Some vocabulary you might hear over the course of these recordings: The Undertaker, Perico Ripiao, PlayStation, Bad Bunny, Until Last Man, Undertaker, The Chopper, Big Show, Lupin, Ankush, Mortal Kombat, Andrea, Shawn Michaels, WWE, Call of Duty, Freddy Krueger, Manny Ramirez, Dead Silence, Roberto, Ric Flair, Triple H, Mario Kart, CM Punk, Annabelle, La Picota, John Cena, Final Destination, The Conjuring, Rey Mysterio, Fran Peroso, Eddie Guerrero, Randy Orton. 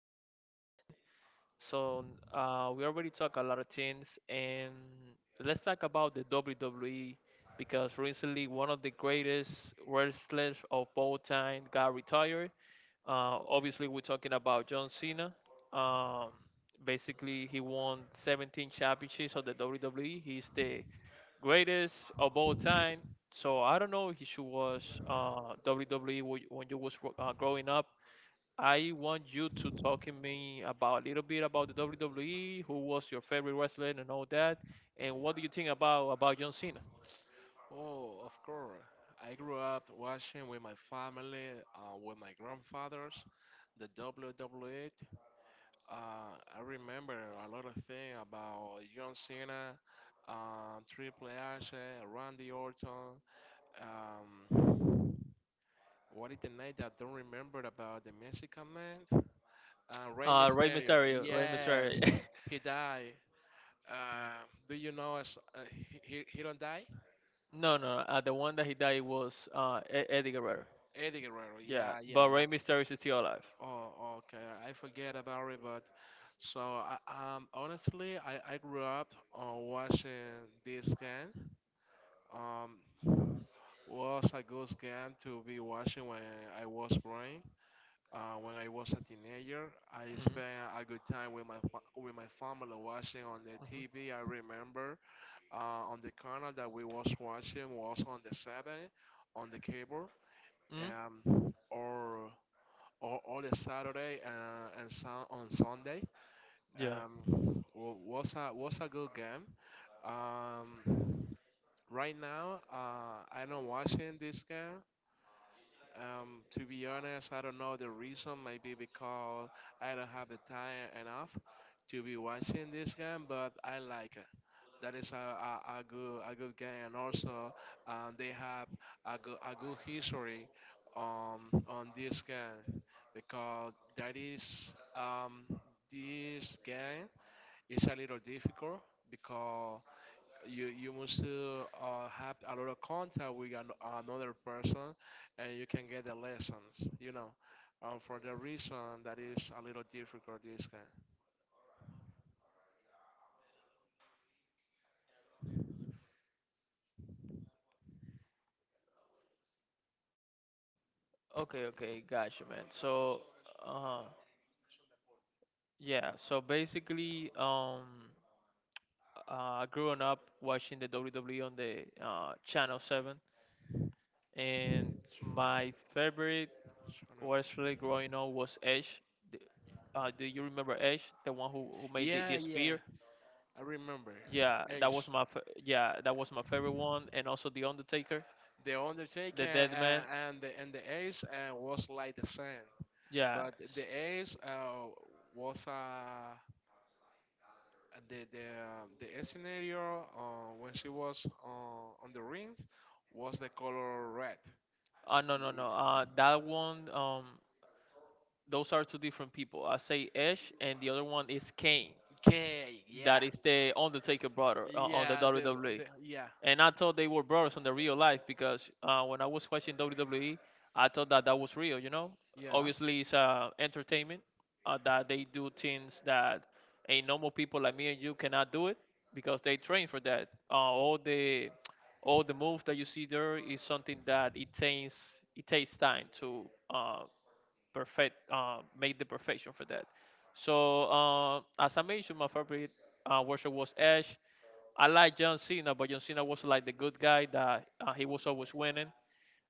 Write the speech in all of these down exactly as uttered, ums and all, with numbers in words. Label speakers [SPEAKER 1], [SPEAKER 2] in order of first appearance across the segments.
[SPEAKER 1] podcast again. So uh, we already talked a lot of things, and let's talk about the W W E because recently one of the greatest wrestlers of all time got retired. Uh, obviously, we're talking about John Cena. Um, Basically, he won seventeen championships of the W W E. He's the greatest of all time. So I don't know if you was uh, W W E when you when you was gro- uh, growing up. I want you to talk to me about a little bit about the W W E. Who was your favorite wrestler and all that? And what do you think about about John Cena?
[SPEAKER 2] Oh, of course. I grew up watching with my family, uh, with my grandfathers, the W W E. Uh, I remember a lot of things about John Cena, uh, Triple H, uh, Randy Orton. Um, what is the name that I don't remember about the Mexican man? Uh, Rey
[SPEAKER 1] Uh, Rey
[SPEAKER 2] Mysterio.
[SPEAKER 1] Mysterio. Rey Mysterio.
[SPEAKER 2] Yes, he died. Uh, do you know us? Uh, he, he he don't die?
[SPEAKER 1] No, no, uh, the one that he died was uh, E- Eddie Guerrero.
[SPEAKER 2] Eddie Guerrero.
[SPEAKER 1] Yeah,
[SPEAKER 2] Yeah, yeah,
[SPEAKER 1] but
[SPEAKER 2] yeah.
[SPEAKER 1] Rey Mysterio is still alive.
[SPEAKER 2] Oh, okay. I forget about it, but so I, um, honestly, I, I grew up uh, watching this game. Um, was a good game to be watching when I was growing. Uh, when I was a teenager, I
[SPEAKER 1] Hmm.
[SPEAKER 2] spent a good time with my fa- with my family watching on the
[SPEAKER 1] Hmm.
[SPEAKER 2] T V. I remember uh, on the channel that we was watching was on the seven, on the cable,
[SPEAKER 1] Hmm.
[SPEAKER 2] um, or or all the Saturday uh, and sun on Sunday.
[SPEAKER 1] Yeah.
[SPEAKER 2] Um, well, was a was a good game. Um, right now, uh, I'm not watching this game. Um, to be honest, I don't know the reason. Maybe because I don't have the time enough to be watching this game, but I like it. That is a, a, a good a good game, and also um, they have a good a good history um, on this game, because that is um, this game, it's a little difficult because you you must to uh, have a lot of contact with an, another person and you can get the lessons you know um, for the reason that is a little difficult this kind,
[SPEAKER 1] Okay, okay, gotcha, man. So, uh, Yeah, so basically, um, uh, growing up watching the W W E on the uh, Channel seven, and my favorite
[SPEAKER 2] so
[SPEAKER 1] was
[SPEAKER 2] no.
[SPEAKER 1] really growing up was Edge. The- Uh, do you remember Edge, the one who, who made the, the
[SPEAKER 2] Yeah, yeah,
[SPEAKER 1] spear?
[SPEAKER 2] I remember
[SPEAKER 1] Yeah, that was
[SPEAKER 2] Ace,
[SPEAKER 1] my fa- yeah, that was my favorite one, and also The Undertaker,
[SPEAKER 2] the
[SPEAKER 1] the
[SPEAKER 2] Undertaker.
[SPEAKER 1] Dead Man.
[SPEAKER 2] Uh, and the and the Ace uh, was like the same,
[SPEAKER 1] Yeah,
[SPEAKER 2] but
[SPEAKER 1] s-
[SPEAKER 2] the Ace, uh, was a uh, the the um, the scenario uh, when she was uh, on the rings was the color red.
[SPEAKER 1] uh, no, no, no.
[SPEAKER 2] Y-
[SPEAKER 1] Uh, that one, um, those are two different people. I say Edge, and the other one is Kane.
[SPEAKER 2] Okay, yeah,
[SPEAKER 1] That is the Undertaker brother uh, on the
[SPEAKER 2] yeah, the,
[SPEAKER 1] W W E.
[SPEAKER 2] the yeah,
[SPEAKER 1] And I thought they were brothers on the real life because uh, when I was watching W W E, I thought that that was real. You know,
[SPEAKER 2] yeah.
[SPEAKER 1] obviously it's uh, entertainment uh, that they do things that a normal people like me and you cannot do it because they train for that. Uh, all the all the moves that you see there is something that it takes it takes time to uh, perfect uh, make the perfection for that. So uh, as I mentioned, my favorite uh, worship was Ash. I like John Cena, but John Cena was like the good guy that uh, he was always winning.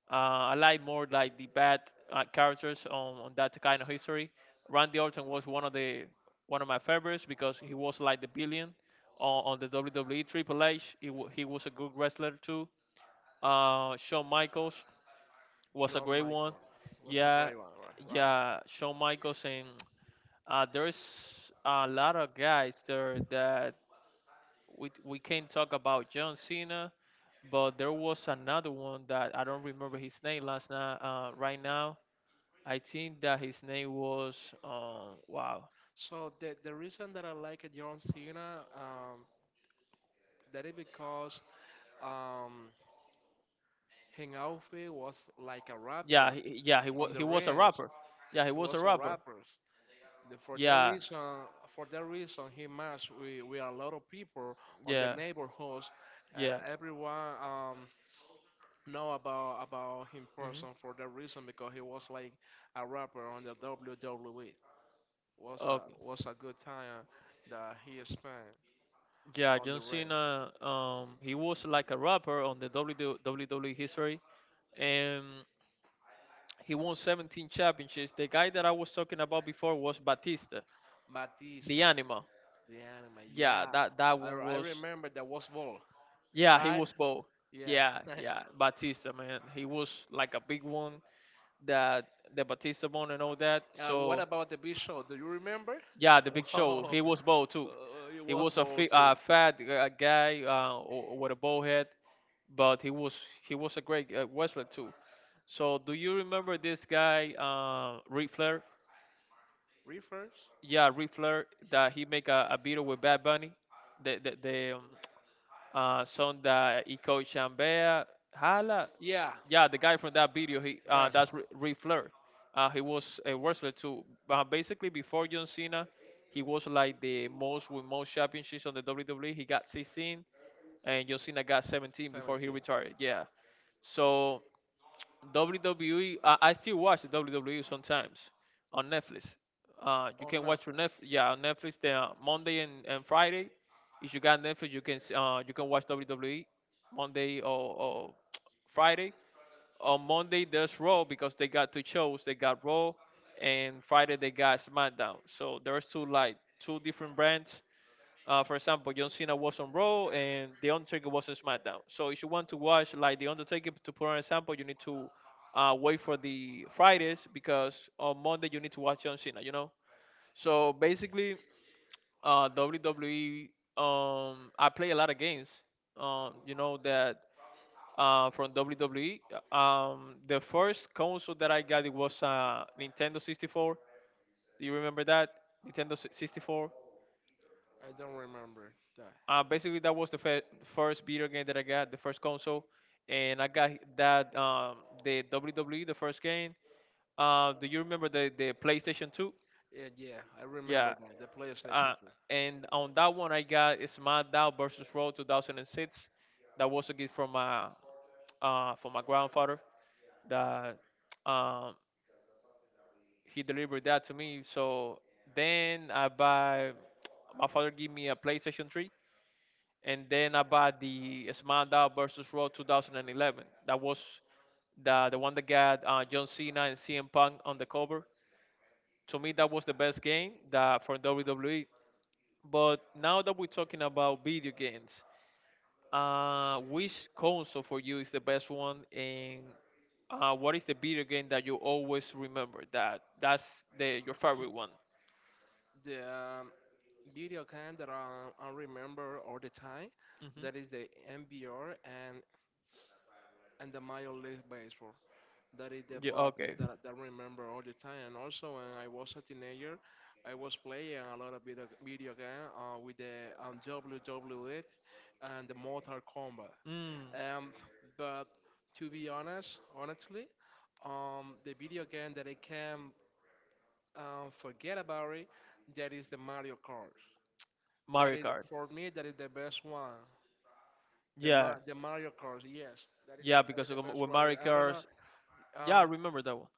[SPEAKER 1] Uh, I like more like the bad uh, characters on, on that kind of history. Randy Orton was one of the one of my favorites because he was like the billion on, on the W W E Triple H. He, wa- he was a good wrestler too. Uh, Shawn Michaels was a
[SPEAKER 2] John
[SPEAKER 1] great one.
[SPEAKER 2] Michael was a
[SPEAKER 1] Yeah,
[SPEAKER 2] great one, right? Right.
[SPEAKER 1] yeah. Shawn Michaels and uh, there's a lot of guys there that we we can't talk about John Cena, but there was another one that I don't remember his name last night. Uh, right now, I think that his name was um wow.
[SPEAKER 2] So the the reason that I like John Cena, um, that is because um, his outfit was like a
[SPEAKER 1] Yeah,
[SPEAKER 2] rapper
[SPEAKER 1] he, yeah. He was
[SPEAKER 2] on the
[SPEAKER 1] he was a
[SPEAKER 2] rings.
[SPEAKER 1] rapper. Yeah, he
[SPEAKER 2] He
[SPEAKER 1] was a
[SPEAKER 2] was a
[SPEAKER 1] rapper.
[SPEAKER 2] rapper. The- For that
[SPEAKER 1] Yeah,
[SPEAKER 2] reason, for that reason, he matched with, with a lot of people on the
[SPEAKER 1] yeah,
[SPEAKER 2] neighborhoods.
[SPEAKER 1] yeah.
[SPEAKER 2] Uh, everyone um, know about about him
[SPEAKER 1] Hmm.
[SPEAKER 2] person for that reason, because he was like a rapper on the W W E. Was a was a good time that he spent
[SPEAKER 1] Yeah,
[SPEAKER 2] on
[SPEAKER 1] John
[SPEAKER 2] the ring.
[SPEAKER 1] Cena. Um, he was like a rapper on the W W E history, and he won seventeen championships. The guy that I was talking about before was Batista, the
[SPEAKER 2] Batista,
[SPEAKER 1] Animal.
[SPEAKER 2] the anime,
[SPEAKER 1] Yeah,
[SPEAKER 2] yeah.
[SPEAKER 1] that that
[SPEAKER 2] I,
[SPEAKER 1] one
[SPEAKER 2] I
[SPEAKER 1] was.
[SPEAKER 2] remember that was ball,
[SPEAKER 1] Yeah, he
[SPEAKER 2] right?
[SPEAKER 1] was both.
[SPEAKER 2] Yeah.
[SPEAKER 1] Yeah, yeah, Batista, man. He was like a big one that the Batista one and all that.
[SPEAKER 2] uh, what
[SPEAKER 1] So
[SPEAKER 2] about the Big Show? Do you remember?
[SPEAKER 1] yeah, the Big Show. He was both too.
[SPEAKER 2] Oh, it
[SPEAKER 1] He
[SPEAKER 2] was
[SPEAKER 1] was a
[SPEAKER 2] ball
[SPEAKER 1] fi-
[SPEAKER 2] too.
[SPEAKER 1] uh, fat uh, guy uh, o- with a bow head, but he was he was a great uh, wrestler too. So do you remember this guy, uh, Ric Flair?
[SPEAKER 2] Reefers?
[SPEAKER 1] Yeah, Ric Flair that he make a, a video with Bad Bunny, the the, the um, uh, song that he called Shambea Hala.
[SPEAKER 2] Yeah,
[SPEAKER 1] Yeah, the guy from that video, he uh,
[SPEAKER 2] gosh.
[SPEAKER 1] that's Ri- Ric Flair. Uh, he was a wrestler too. Uh, basically, before John Cena, he was like the most with most championships on the W W E. He got sixteen, and John Cena got seventeen before he
[SPEAKER 2] Seventeen
[SPEAKER 1] retired. Yeah. So W W E. I, I still watch the W W E sometimes on Netflix. Uh, you
[SPEAKER 2] on
[SPEAKER 1] can watch on
[SPEAKER 2] Netflix.
[SPEAKER 1] Netflix. Yeah, on Netflix. Then uh, Monday and, and Friday. If you got Netflix, you can s- uh you can watch W W E Monday or, or Friday. On Monday there's Raw because they got two shows. They got Raw, and Friday they got SmackDown. So there's two like two different brands uh, for example, John Cena was on Raw and The Undertaker was on SmackDown. So if you want to watch like The Undertaker, to put on an example, you need to uh, wait for the Fridays because on Monday you need to watch John Cena. You know. So basically, uh, W W E. Um, I play a lot of games. Um, you know that uh, from W W E. Uh, Um, the first console that I got it was uh, Nintendo sixty-four. Do you remember that Nintendo si- sixty-four?
[SPEAKER 2] I don't remember that.
[SPEAKER 1] Uh, basically that was the fe- first video game that I got, the first console, and I got that um, the W W E, the first game. Uh, do you remember the the PlayStation two?
[SPEAKER 2] Yeah, yeah, I remember
[SPEAKER 1] Yeah.
[SPEAKER 2] that. The PlayStation
[SPEAKER 1] Uh,
[SPEAKER 2] two.
[SPEAKER 1] and on that one, I got SmackDown versus Raw two thousand six. That was a gift from my uh, from my grandfather. That um, he delivered that to me. So then I buy my father gave me a PlayStation three, and then I bought the SmackDown versus Raw twenty eleven. That was the the one that got uh, John Cena and C M Punk on the cover. To me, that was the best game that for W W E. But now that we're talking about video games, uh, which console for you is the best one, and uh, what is the video game that you always remember that that's the your favorite one?
[SPEAKER 2] The um, video game that I, I remember all the time. That is
[SPEAKER 1] Hmm.
[SPEAKER 2] the N B R and and the Major League Baseball. That is the
[SPEAKER 1] Yeah.
[SPEAKER 2] bot
[SPEAKER 1] Okay.
[SPEAKER 2] that I- that I remember all the time. And also when I was a teenager, I was playing a lot of video video game uh, with the um, W W E and the Mortal Kombat.
[SPEAKER 1] Mm.
[SPEAKER 2] Um, but to be honest, honestly, um, the video game that I can um, forget about it, that is the Mario Kart. That
[SPEAKER 1] Mario
[SPEAKER 2] is
[SPEAKER 1] Kart.
[SPEAKER 2] for me. That is the best one. The
[SPEAKER 1] Yeah.
[SPEAKER 2] Ma- the Mario Kart. Yes, that is the,
[SPEAKER 1] Yeah,
[SPEAKER 2] that is
[SPEAKER 1] because
[SPEAKER 2] the
[SPEAKER 1] of-
[SPEAKER 2] best
[SPEAKER 1] with
[SPEAKER 2] one.
[SPEAKER 1] Mario
[SPEAKER 2] I don't know.
[SPEAKER 1] Kart, Yeah, I
[SPEAKER 2] Um,
[SPEAKER 1] remember that one.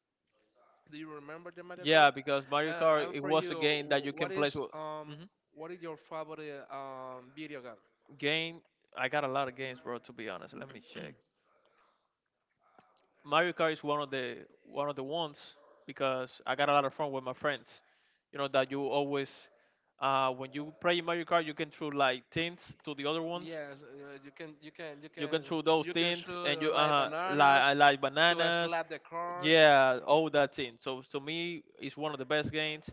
[SPEAKER 2] do you remember the Mario
[SPEAKER 1] Yeah,
[SPEAKER 2] Kart?
[SPEAKER 1] because Mario
[SPEAKER 2] Uh,
[SPEAKER 1] Kart
[SPEAKER 2] and
[SPEAKER 1] it
[SPEAKER 2] for
[SPEAKER 1] was
[SPEAKER 2] you,
[SPEAKER 1] a game that you
[SPEAKER 2] wh- what
[SPEAKER 1] can
[SPEAKER 2] is
[SPEAKER 1] play with.
[SPEAKER 2] um
[SPEAKER 1] Hmm.
[SPEAKER 2] what is your favorite um video game?
[SPEAKER 1] Game. I got a lot of games, bro. To be honest, let me check. Mario Kart is one of the one of the ones because I got a lot of fun with my friends. You know that you always, uh, when you play Mario Kart, you can throw like things to the other ones.
[SPEAKER 2] Yes, uh, you can you can you
[SPEAKER 1] You
[SPEAKER 2] can
[SPEAKER 1] can throw those
[SPEAKER 2] you can shoot
[SPEAKER 1] things, and
[SPEAKER 2] uh,
[SPEAKER 1] you
[SPEAKER 2] like
[SPEAKER 1] uh like
[SPEAKER 2] bananas
[SPEAKER 1] I like
[SPEAKER 2] to uh,
[SPEAKER 1] bananas.
[SPEAKER 2] slap the car.
[SPEAKER 1] Yeah, all that team. So to me, it's one of the best games.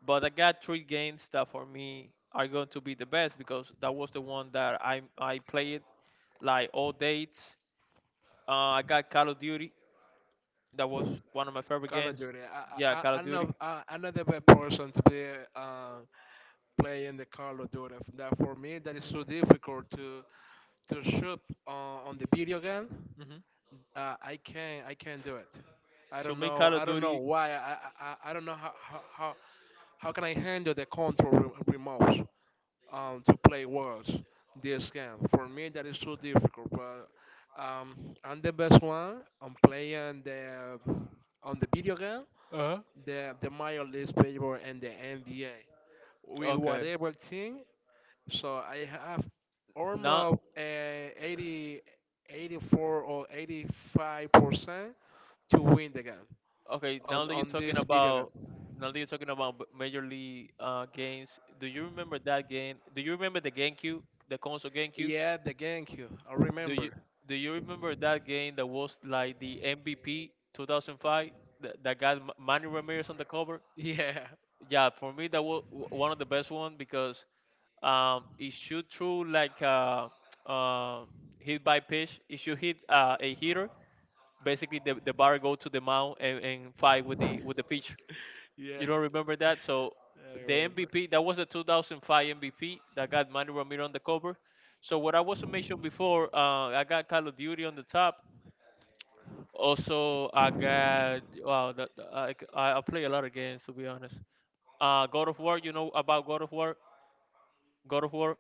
[SPEAKER 1] But I got three games that for me are going to be the best because that was the one that I I played like all dates. Uh, I got Call of Duty. That was one of my favorite
[SPEAKER 2] Call of
[SPEAKER 1] games.
[SPEAKER 2] Duty. I
[SPEAKER 1] Yeah,
[SPEAKER 2] I I
[SPEAKER 1] Call of
[SPEAKER 2] I'm
[SPEAKER 1] Duty.
[SPEAKER 2] not I, I'm not the best person to be uh, playing the Call of Duty. That for me that is so
[SPEAKER 1] Hmm.
[SPEAKER 2] difficult to to shoot on, on the video game,
[SPEAKER 1] Hmm.
[SPEAKER 2] uh, I can't I can't do it. I
[SPEAKER 1] To
[SPEAKER 2] don't
[SPEAKER 1] me,
[SPEAKER 2] know
[SPEAKER 1] Call of
[SPEAKER 2] I don't know
[SPEAKER 1] Duty.
[SPEAKER 2] why I I, I I don't know how, how how how can I handle the control re- remote, um, to play words this game. For me that is too difficult. But um, I'm the best one on playing the on the video game,
[SPEAKER 1] Uh-huh.
[SPEAKER 2] the the Major League Baseball and the N B A. With
[SPEAKER 1] Okay.
[SPEAKER 2] whatever team, so I have
[SPEAKER 1] Now,
[SPEAKER 2] almost uh, eighty, eighty-four or eighty-five percent to win the game
[SPEAKER 1] okay. Now
[SPEAKER 2] on,
[SPEAKER 1] that you're
[SPEAKER 2] on
[SPEAKER 1] talking
[SPEAKER 2] this video game.
[SPEAKER 1] about now that you're talking about b- major league uh, games, do you remember that game? Do you remember the GameCube, the console GameCube?
[SPEAKER 2] Yeah, the GameCube. I
[SPEAKER 1] Do you
[SPEAKER 2] remember.
[SPEAKER 1] do you remember that game that was like the M V P two thousand five that, that got M- Manny Ramirez on the cover?
[SPEAKER 2] Yeah,
[SPEAKER 1] Yeah, for me that was one of the best one because um, it shoot through like uh, uh, hit by pitch. It should hit uh, a hitter. Basically, the, the batter go to the mound and, and fight with the with the pitcher.
[SPEAKER 2] yeah,
[SPEAKER 1] You don't remember that? So
[SPEAKER 2] I
[SPEAKER 1] the
[SPEAKER 2] remember.
[SPEAKER 1] M V P that was a two thousand five M V P that got Manny Ramirez on the cover. So what I was mentioning before, uh, I got Call of Duty on the top. Also, I got wow, the, the, I, I I play a lot of games to be honest. Uh, God of War, you know about God of War? God of War,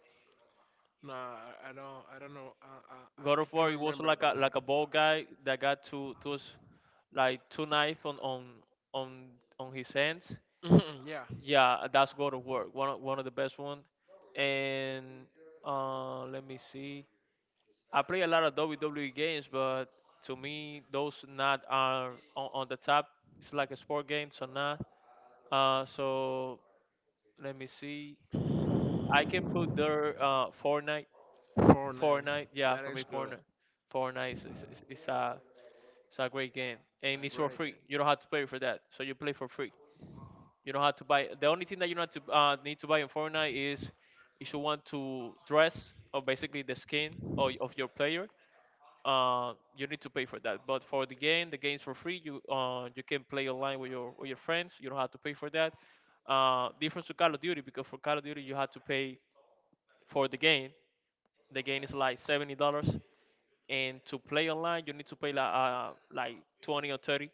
[SPEAKER 2] Nah, I I don't. I don't know. I I, I
[SPEAKER 1] God
[SPEAKER 2] I
[SPEAKER 1] of
[SPEAKER 2] can't
[SPEAKER 1] War. He was
[SPEAKER 2] remember
[SPEAKER 1] like a
[SPEAKER 2] about it.
[SPEAKER 1] like a bald guy that got two two s- like two knife on on on on his hands.
[SPEAKER 2] Mhm, yeah,
[SPEAKER 1] Yeah, that's go to work. One of, one of the best one. And uh, let me see. I play a lot of W W E games, but to me, those not are on, on the top. It's like a sport game, so not. Uh, so let me see. I can put their uh, Fortnite.
[SPEAKER 2] Fortnite.
[SPEAKER 1] Fortnite, yeah,
[SPEAKER 2] That
[SPEAKER 1] for
[SPEAKER 2] is
[SPEAKER 1] me,
[SPEAKER 2] good.
[SPEAKER 1] Fortnite. Fortnite is, is, is, is a it's a great game, and
[SPEAKER 2] A
[SPEAKER 1] it's for
[SPEAKER 2] great game.
[SPEAKER 1] free. You don't have to pay for that, so you play for free. You don't have to buy. The only thing that you don't have to uh, need to buy in Fortnite is if you want to dress or basically the skin of, of your player. Uh, you need to pay for that. But for the game, the game's for free. You uh, you can play online with your with your friends. You don't have to pay for that. Uh, difference to Call of Duty because for Call of Duty you have to pay for the game. The game is like seventy dollars, and to play online you need to pay like uh, like twenty or thirty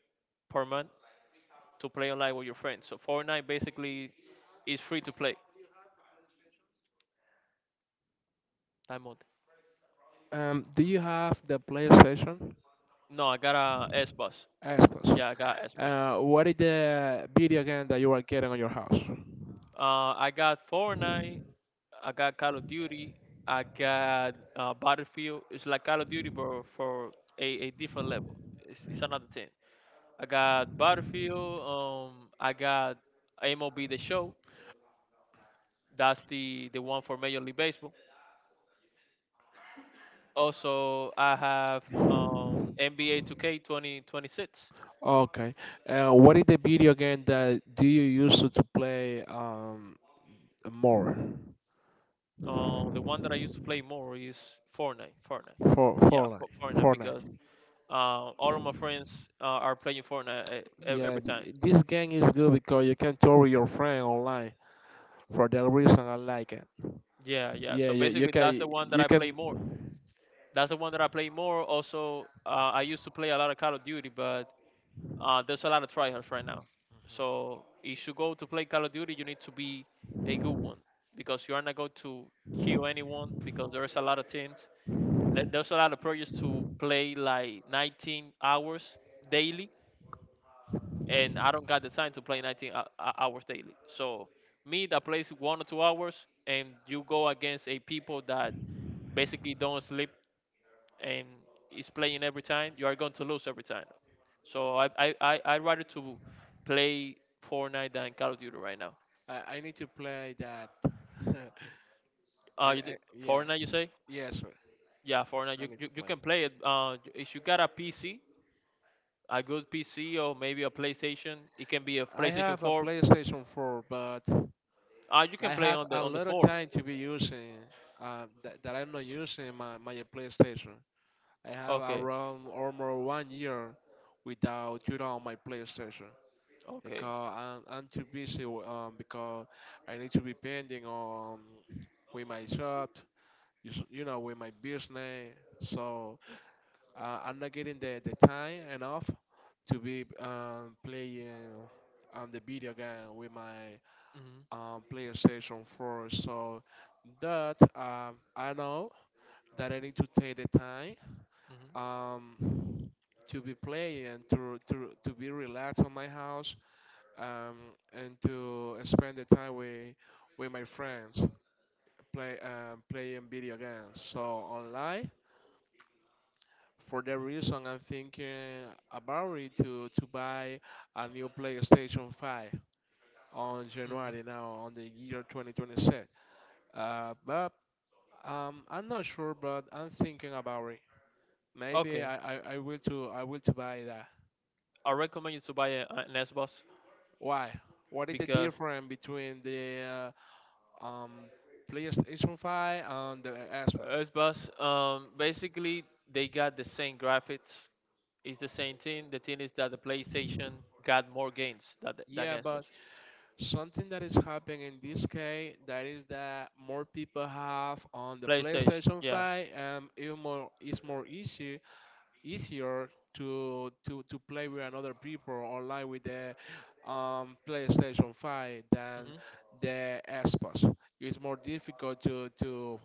[SPEAKER 1] per month to play online with your friends. So Fortnite basically is free to play. Time mode.
[SPEAKER 2] Um, do you have the PlayStation?
[SPEAKER 1] No, I got a S bus.
[SPEAKER 2] Xbox.
[SPEAKER 1] Yeah, I got S bus.
[SPEAKER 2] Uh, what is the video game that you are getting on your house?
[SPEAKER 1] Uh, I got Fortnite. I got Call of Duty. I got uh, Battlefield. It's like Call of Duty, but for a, a different level. It's, it's another thing. I got Battlefield. Um, I got M L B The Show. That's the the one for Major League Baseball. Also, I have um, N B A two K twenty twenty-six.
[SPEAKER 2] Okay. Uh, what is the video game that do you use to play um more?
[SPEAKER 1] Uh, the one that I used to play more is Fortnite. Fortnite.
[SPEAKER 2] For
[SPEAKER 1] Yeah, Fo-
[SPEAKER 2] Fortnite.
[SPEAKER 1] Fortnite because
[SPEAKER 2] Fortnite.
[SPEAKER 1] uh, all of my friends uh, are playing Fortnite e- e- every
[SPEAKER 2] Yeah,
[SPEAKER 1] time.
[SPEAKER 2] th- this game is good because you can talk with your friend online. For that reason, I like it.
[SPEAKER 1] Yeah, yeah.
[SPEAKER 2] Yeah,
[SPEAKER 1] So
[SPEAKER 2] you, you
[SPEAKER 1] basically, that's the
[SPEAKER 2] can
[SPEAKER 1] one that
[SPEAKER 2] you
[SPEAKER 1] I play
[SPEAKER 2] can.
[SPEAKER 1] more. That's the one that I play more. Also, uh, I used to play a lot of Call of Duty, but uh, there's a lot of tryhards right now. So if you go to play Call of Duty, you need to be a good one because you are not going to kill anyone because there's a lot of teams. Like, there's a lot of players to play like nineteen hours daily, and I don't got the time to play nineteen hou- hou- hours daily. So me that plays one or two hours, and you go against a people that basically don't sleep and is playing every time, you are going to lose every time. So I I I I rather to play Fortnite than Call of Duty right now.
[SPEAKER 2] I, I need to play that. And
[SPEAKER 1] Uh, you, d-
[SPEAKER 2] I, yeah,
[SPEAKER 1] Fortnite you say?
[SPEAKER 2] yes, sir.
[SPEAKER 1] Yeah, Fortnite.
[SPEAKER 2] I
[SPEAKER 1] You,
[SPEAKER 2] need
[SPEAKER 1] you
[SPEAKER 2] to
[SPEAKER 1] you
[SPEAKER 2] play.
[SPEAKER 1] can play it. Uh, if you got a P C, a good P C or maybe a PlayStation. It can be a
[SPEAKER 2] I
[SPEAKER 1] PlayStation
[SPEAKER 2] have a
[SPEAKER 1] four.
[SPEAKER 2] PlayStation four, but
[SPEAKER 1] Ah, you can
[SPEAKER 2] I
[SPEAKER 1] play
[SPEAKER 2] have
[SPEAKER 1] on the
[SPEAKER 2] a
[SPEAKER 1] on the
[SPEAKER 2] lot of
[SPEAKER 1] four.
[SPEAKER 2] time to be using uh, that, that I'm not using my, my PlayStation. I have
[SPEAKER 1] Okay.
[SPEAKER 2] around almost one year without turn on my PlayStation
[SPEAKER 1] Okay.
[SPEAKER 2] because I'm, I'm too busy w- um, because I need to be pending on with my job, you, s- you know, with my business. So uh, I'm not getting the, the time enough to be um, playing um, the video game with my
[SPEAKER 1] Mhm.
[SPEAKER 2] um, PlayStation four. So that um, I know that I need to take the time
[SPEAKER 1] Mhm.
[SPEAKER 2] um, to be play and to, to, to be relaxed on my house, um, and to spend the time with, with my friends play um, playing video games so online. For that reason I'm thinking about it, to, to buy a new PlayStation five on
[SPEAKER 1] Mhm.
[SPEAKER 2] January, now on the year twenty twenty-six. Uh, but um, I'm not sure, but I'm thinking about it, maybe
[SPEAKER 1] Okay.
[SPEAKER 2] i, I, I will to i will to buy.
[SPEAKER 1] I recommend you to buy a, an Xbox
[SPEAKER 2] Why? What is the
[SPEAKER 1] because
[SPEAKER 2] difference between the uh, um, PlayStation five and the Xbox?
[SPEAKER 1] Xbox um basically they got the same graphics. It's the same thing. The thing is that the PlayStation got more games than the- than
[SPEAKER 2] Yeah,
[SPEAKER 1] Xbox.
[SPEAKER 2] but something that is happening in this case that is that more people have on the
[SPEAKER 1] PlayStation.
[SPEAKER 2] PlayStation
[SPEAKER 1] Yeah.
[SPEAKER 2] five, um, it more it's more easy easier to to to play with another people online with the um, PlayStation five than the Xbox. It's more difficult to to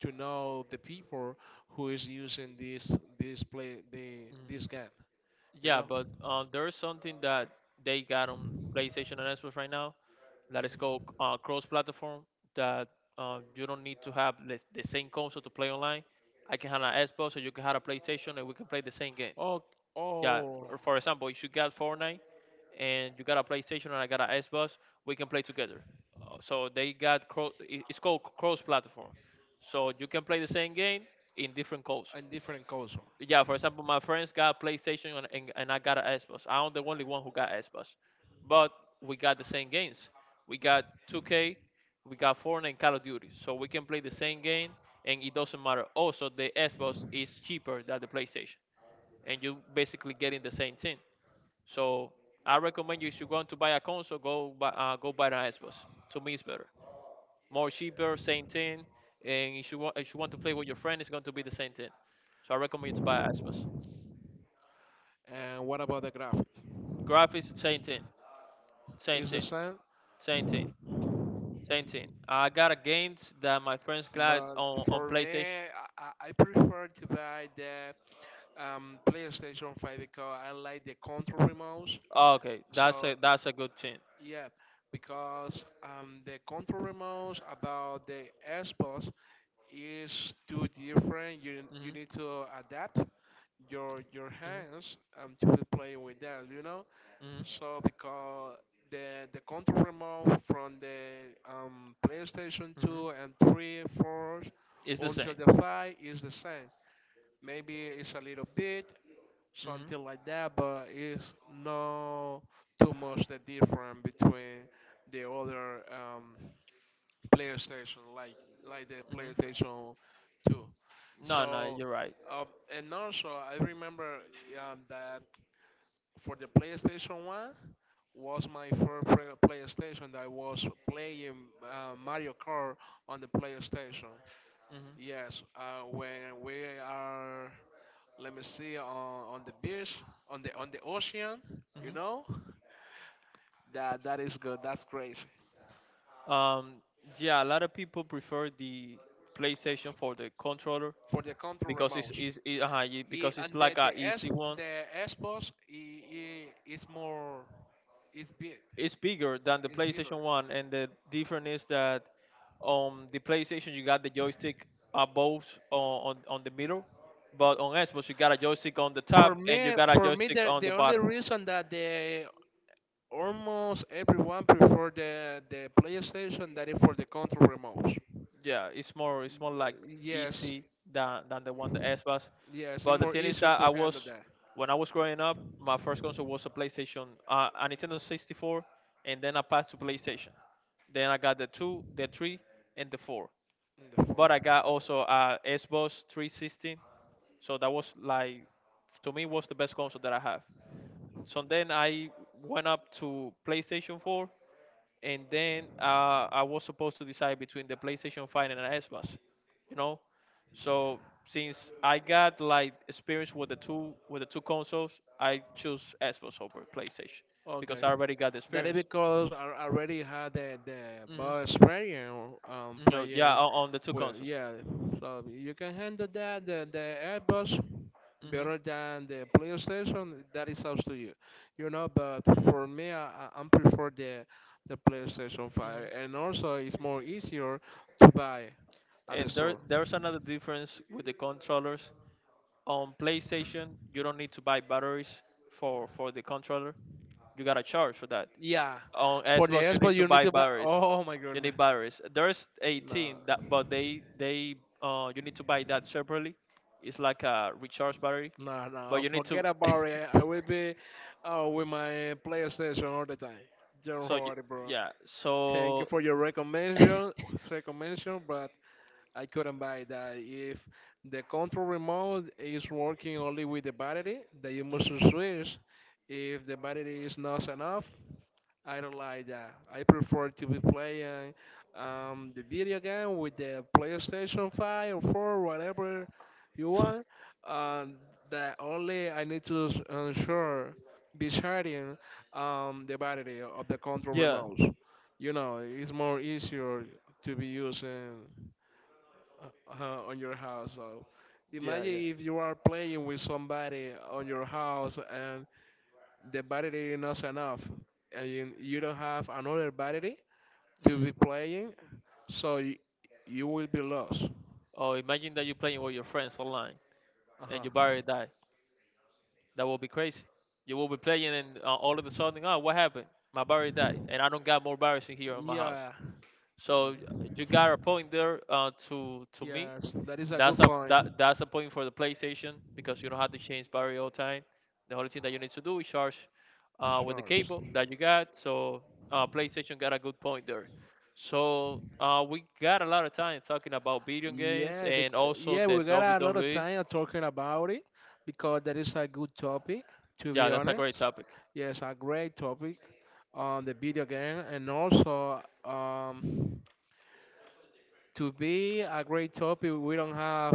[SPEAKER 2] to know the people who is using this this play the
[SPEAKER 1] Mhm.
[SPEAKER 2] this game. You
[SPEAKER 1] Yeah,
[SPEAKER 2] know,
[SPEAKER 1] but uh, there's something that they got on PlayStation and Xbox right now that is called uh, cross-platform. That uh, you don't need to have the, the same console to play online. I can have an Xbox, or you can have a PlayStation, and we can play the same game.
[SPEAKER 2] all
[SPEAKER 1] Yeah,
[SPEAKER 2] all
[SPEAKER 1] for, for example, if you got Fortnite and you got a PlayStation and I got an Xbox, we can play together. Uh, So they got cro- i- it's called cross-platform. So you can play the same game in different consoles.
[SPEAKER 2] in different culture.
[SPEAKER 1] Yeah, for example, my friends got PlayStation and, and, and I got an Xbox. I'm the only one who got Xbox, but we got the same games. We got two K, we got Fortnite and Call of Duty, so we can play the same game and it doesn't matter. Also, the Xbox is cheaper than the PlayStation, and you basically getting the same thing. So I recommend you if you're going to buy a console, go buy uh, go buy an Xbox. To me, it's better, more cheaper, same thing. And if you want if you want to play with your friend, it's going to be the same thing. So I recommend you to buy an Xbox.
[SPEAKER 2] And what about the graphics?
[SPEAKER 1] Graphics seventeen,
[SPEAKER 2] Is the
[SPEAKER 1] seventeen,
[SPEAKER 2] same?
[SPEAKER 1] seventeen, seventeen. I got a games that my friends got
[SPEAKER 2] But
[SPEAKER 1] on, on
[SPEAKER 2] for
[SPEAKER 1] PlayStation.
[SPEAKER 2] me, I, I I prefer to buy the um, PlayStation five because I like the control remotes.
[SPEAKER 1] Oh, okay, that's
[SPEAKER 2] So
[SPEAKER 1] a that's a good thing.
[SPEAKER 2] yeah, because um, the control remotes about the Xbox is too different. You you
[SPEAKER 1] Mhm,
[SPEAKER 2] need to adapt your your
[SPEAKER 1] mhm,
[SPEAKER 2] hands, um, to play with that. You know.
[SPEAKER 1] mhm,
[SPEAKER 2] So because the the control remote from the um, PlayStation
[SPEAKER 1] mhm.
[SPEAKER 2] two and three, four
[SPEAKER 1] It's the
[SPEAKER 2] until
[SPEAKER 1] same.
[SPEAKER 2] the five is the same. Maybe it's a little bit
[SPEAKER 1] Mhm,
[SPEAKER 2] something like that, but it's not too much the difference between the other um, PlayStation, like like the
[SPEAKER 1] mhm.
[SPEAKER 2] PlayStation two.
[SPEAKER 1] No, no,
[SPEAKER 2] So
[SPEAKER 1] you're right.
[SPEAKER 2] um, and also I remember um, that for the PlayStation one was my first play- PlayStation that I was playing uh, Mario Kart on the PlayStation.
[SPEAKER 1] Mhm,
[SPEAKER 2] Yes, uh, when we are, let me see, on, on the beach, on the on the ocean, you
[SPEAKER 1] mhm.
[SPEAKER 2] know, that that is good. That's crazy
[SPEAKER 1] Um, yeah, a lot of people prefer the PlayStation for the controller
[SPEAKER 2] for the control
[SPEAKER 1] because it's
[SPEAKER 2] remotes.
[SPEAKER 1] it's it, uh,
[SPEAKER 2] I-
[SPEAKER 1] because it's
[SPEAKER 2] and the
[SPEAKER 1] like a
[SPEAKER 2] the S
[SPEAKER 1] easy one.
[SPEAKER 2] the Xbox i- i- is more is big,
[SPEAKER 1] It's bigger than the
[SPEAKER 2] is bigger.
[SPEAKER 1] PlayStation one, and the difference is that on the PlayStation you got the joystick above on, on, on the middle, but on Xbox you got a joystick on the
[SPEAKER 2] For
[SPEAKER 1] top and you
[SPEAKER 2] me,
[SPEAKER 1] got a
[SPEAKER 2] for me,
[SPEAKER 1] joystick
[SPEAKER 2] the,
[SPEAKER 1] on
[SPEAKER 2] the
[SPEAKER 1] the
[SPEAKER 2] only
[SPEAKER 1] bottom.
[SPEAKER 2] reason that the almost everyone prefer the the PlayStation, than it for the control remotes.
[SPEAKER 1] Yeah, it's more it's more like
[SPEAKER 2] Yes,
[SPEAKER 1] easy
[SPEAKER 2] uh,
[SPEAKER 1] than than the one the Xbox.
[SPEAKER 2] yes, it's
[SPEAKER 1] But the
[SPEAKER 2] more
[SPEAKER 1] thing is
[SPEAKER 2] easier
[SPEAKER 1] that I
[SPEAKER 2] to handle
[SPEAKER 1] was
[SPEAKER 2] that
[SPEAKER 1] when I was growing up, my first console was a PlayStation, uh, a Nintendo sixty-four, and then I passed to PlayStation. Then I got the two, the three, and the four.
[SPEAKER 2] in the phone.
[SPEAKER 1] But I got also a Xbox three sixty. So that was like to me was the best console that I have. So then I went up to PlayStation four, and then uh, I was supposed to decide between the PlayStation five and an Xbox, you know. So since I got like experience with the two with the two consoles, I choose Xbox over PlayStation because
[SPEAKER 2] Okay,
[SPEAKER 1] I already got the
[SPEAKER 2] that is
[SPEAKER 1] experience.
[SPEAKER 2] because I already had the the
[SPEAKER 1] Hmm.
[SPEAKER 2] ball experience um
[SPEAKER 1] No, yeah,
[SPEAKER 2] playing
[SPEAKER 1] on, on the two
[SPEAKER 2] well.
[SPEAKER 1] consoles.
[SPEAKER 2] Yeah, so you can handle that the the Airbus better
[SPEAKER 1] Hmm.
[SPEAKER 2] than the PlayStation. That is up to you, you know. But
[SPEAKER 1] Hmm.
[SPEAKER 2] for me, I I I prefer the the PlayStation
[SPEAKER 1] Hmm.
[SPEAKER 2] Five, and also it's more easier to buy at the
[SPEAKER 1] And there,
[SPEAKER 2] store.
[SPEAKER 1] there's another difference with the controllers. On PlayStation, you don't need to buy batteries for, for the controller. You gotta charge for that.
[SPEAKER 2] Yeah,
[SPEAKER 1] On
[SPEAKER 2] for the
[SPEAKER 1] Xbox, you need
[SPEAKER 2] Xbox
[SPEAKER 1] to
[SPEAKER 2] you need
[SPEAKER 1] buy
[SPEAKER 2] to buy.
[SPEAKER 1] batteries.
[SPEAKER 2] Oh my
[SPEAKER 1] You
[SPEAKER 2] goodness,
[SPEAKER 1] need batteries. There's
[SPEAKER 2] no.
[SPEAKER 1] eighteen that, but they they uh you need to buy that separately. It's like a recharge battery,
[SPEAKER 2] No,
[SPEAKER 1] but
[SPEAKER 2] no,
[SPEAKER 1] you need to.
[SPEAKER 2] forget about it. I will be uh, with my PlayStation all the time. Don't
[SPEAKER 1] So you,
[SPEAKER 2] worry, bro.
[SPEAKER 1] yeah,
[SPEAKER 2] Thank you
[SPEAKER 1] so
[SPEAKER 2] for your
[SPEAKER 1] mhm.
[SPEAKER 2] recommendation, recommendation, but I couldn't buy that. If the control remote is working only with the battery, then you must switch. If the battery is not enough, I don't like that. I prefer to be playing um, the video game with the PlayStation five or four, whatever you want. Um, that only I need to s- ensure be sharing um, the battery of the control
[SPEAKER 1] Yeah,
[SPEAKER 2] remote. You know, it's more easier to be using uh, uh, on your house. So
[SPEAKER 1] yeah,
[SPEAKER 2] imagine
[SPEAKER 1] yeah.
[SPEAKER 2] if you are playing with somebody on your house and the battery is not enough and you, you don't have another battery to be
[SPEAKER 1] Mm.
[SPEAKER 2] playing, so you, you will be lost.
[SPEAKER 1] Oh, imagine that you're playing with your friends online and your
[SPEAKER 2] Uh-huh,
[SPEAKER 1] battery died. That will be crazy. You will be playing, and uh, all of a sudden, oh, what happened? My battery died, and I don't got more batteries in here in my house.
[SPEAKER 2] yeah,
[SPEAKER 1] So y- you got a point there uh, to to me.
[SPEAKER 2] yes, that is a good
[SPEAKER 1] That's a
[SPEAKER 2] point.
[SPEAKER 1] that, that's a point for the PlayStation because you don't have to change battery all the time. The only thing that you need to do is charge uh, with the
[SPEAKER 2] Sure.
[SPEAKER 1] cable that you got. So uh, PlayStation got a good point there. So uh, we got a lot of time talking about video games
[SPEAKER 2] yeah bec-
[SPEAKER 1] and also
[SPEAKER 2] yeah,
[SPEAKER 1] the
[SPEAKER 2] we got a lot of
[SPEAKER 1] W W E.
[SPEAKER 2] time talking about it because that is a good topic, to be
[SPEAKER 1] Yeah, that's a great
[SPEAKER 2] honest.
[SPEAKER 1] topic.
[SPEAKER 2] Yes, a great topic on the video game and also um to be a great topic, we don't have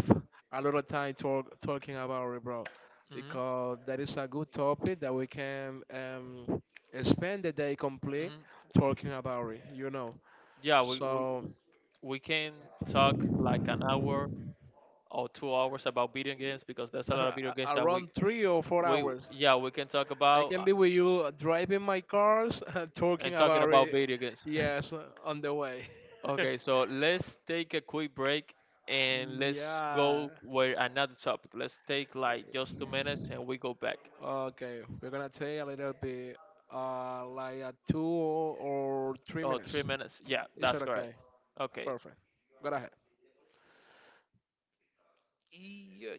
[SPEAKER 2] a lot of time talk, talking about it, bro,
[SPEAKER 1] Mm-hmm.
[SPEAKER 2] because that is a good topic that we can um, spend the day complete
[SPEAKER 1] Mhm.
[SPEAKER 2] talking about it, you know.
[SPEAKER 1] Yeah, we, we
[SPEAKER 2] So
[SPEAKER 1] we can talk like an hour or two hours about video games because there's a
[SPEAKER 2] a-
[SPEAKER 1] lot of video games that we
[SPEAKER 2] around three or four
[SPEAKER 1] we
[SPEAKER 2] hours,
[SPEAKER 1] yeah we can talk
[SPEAKER 2] I
[SPEAKER 1] about
[SPEAKER 2] can
[SPEAKER 1] uh,
[SPEAKER 2] be with you, uh, driving my cars, talking
[SPEAKER 1] and talking
[SPEAKER 2] about
[SPEAKER 1] about
[SPEAKER 2] it.
[SPEAKER 1] video games.
[SPEAKER 2] Yes, on the way.
[SPEAKER 1] Okay, so let's take a quick break and let's
[SPEAKER 2] Yeah.
[SPEAKER 1] go with another topic. Let's take like just two minutes and we go back.
[SPEAKER 2] Okay, we're gonna take a little bit, uh, like a two or three
[SPEAKER 1] Oh,
[SPEAKER 2] minutes.
[SPEAKER 1] three minutes. Yeah,
[SPEAKER 2] Is that
[SPEAKER 1] that's correct.
[SPEAKER 2] okay?
[SPEAKER 1] Okay.
[SPEAKER 2] Perfect. Go ahead. Yeah.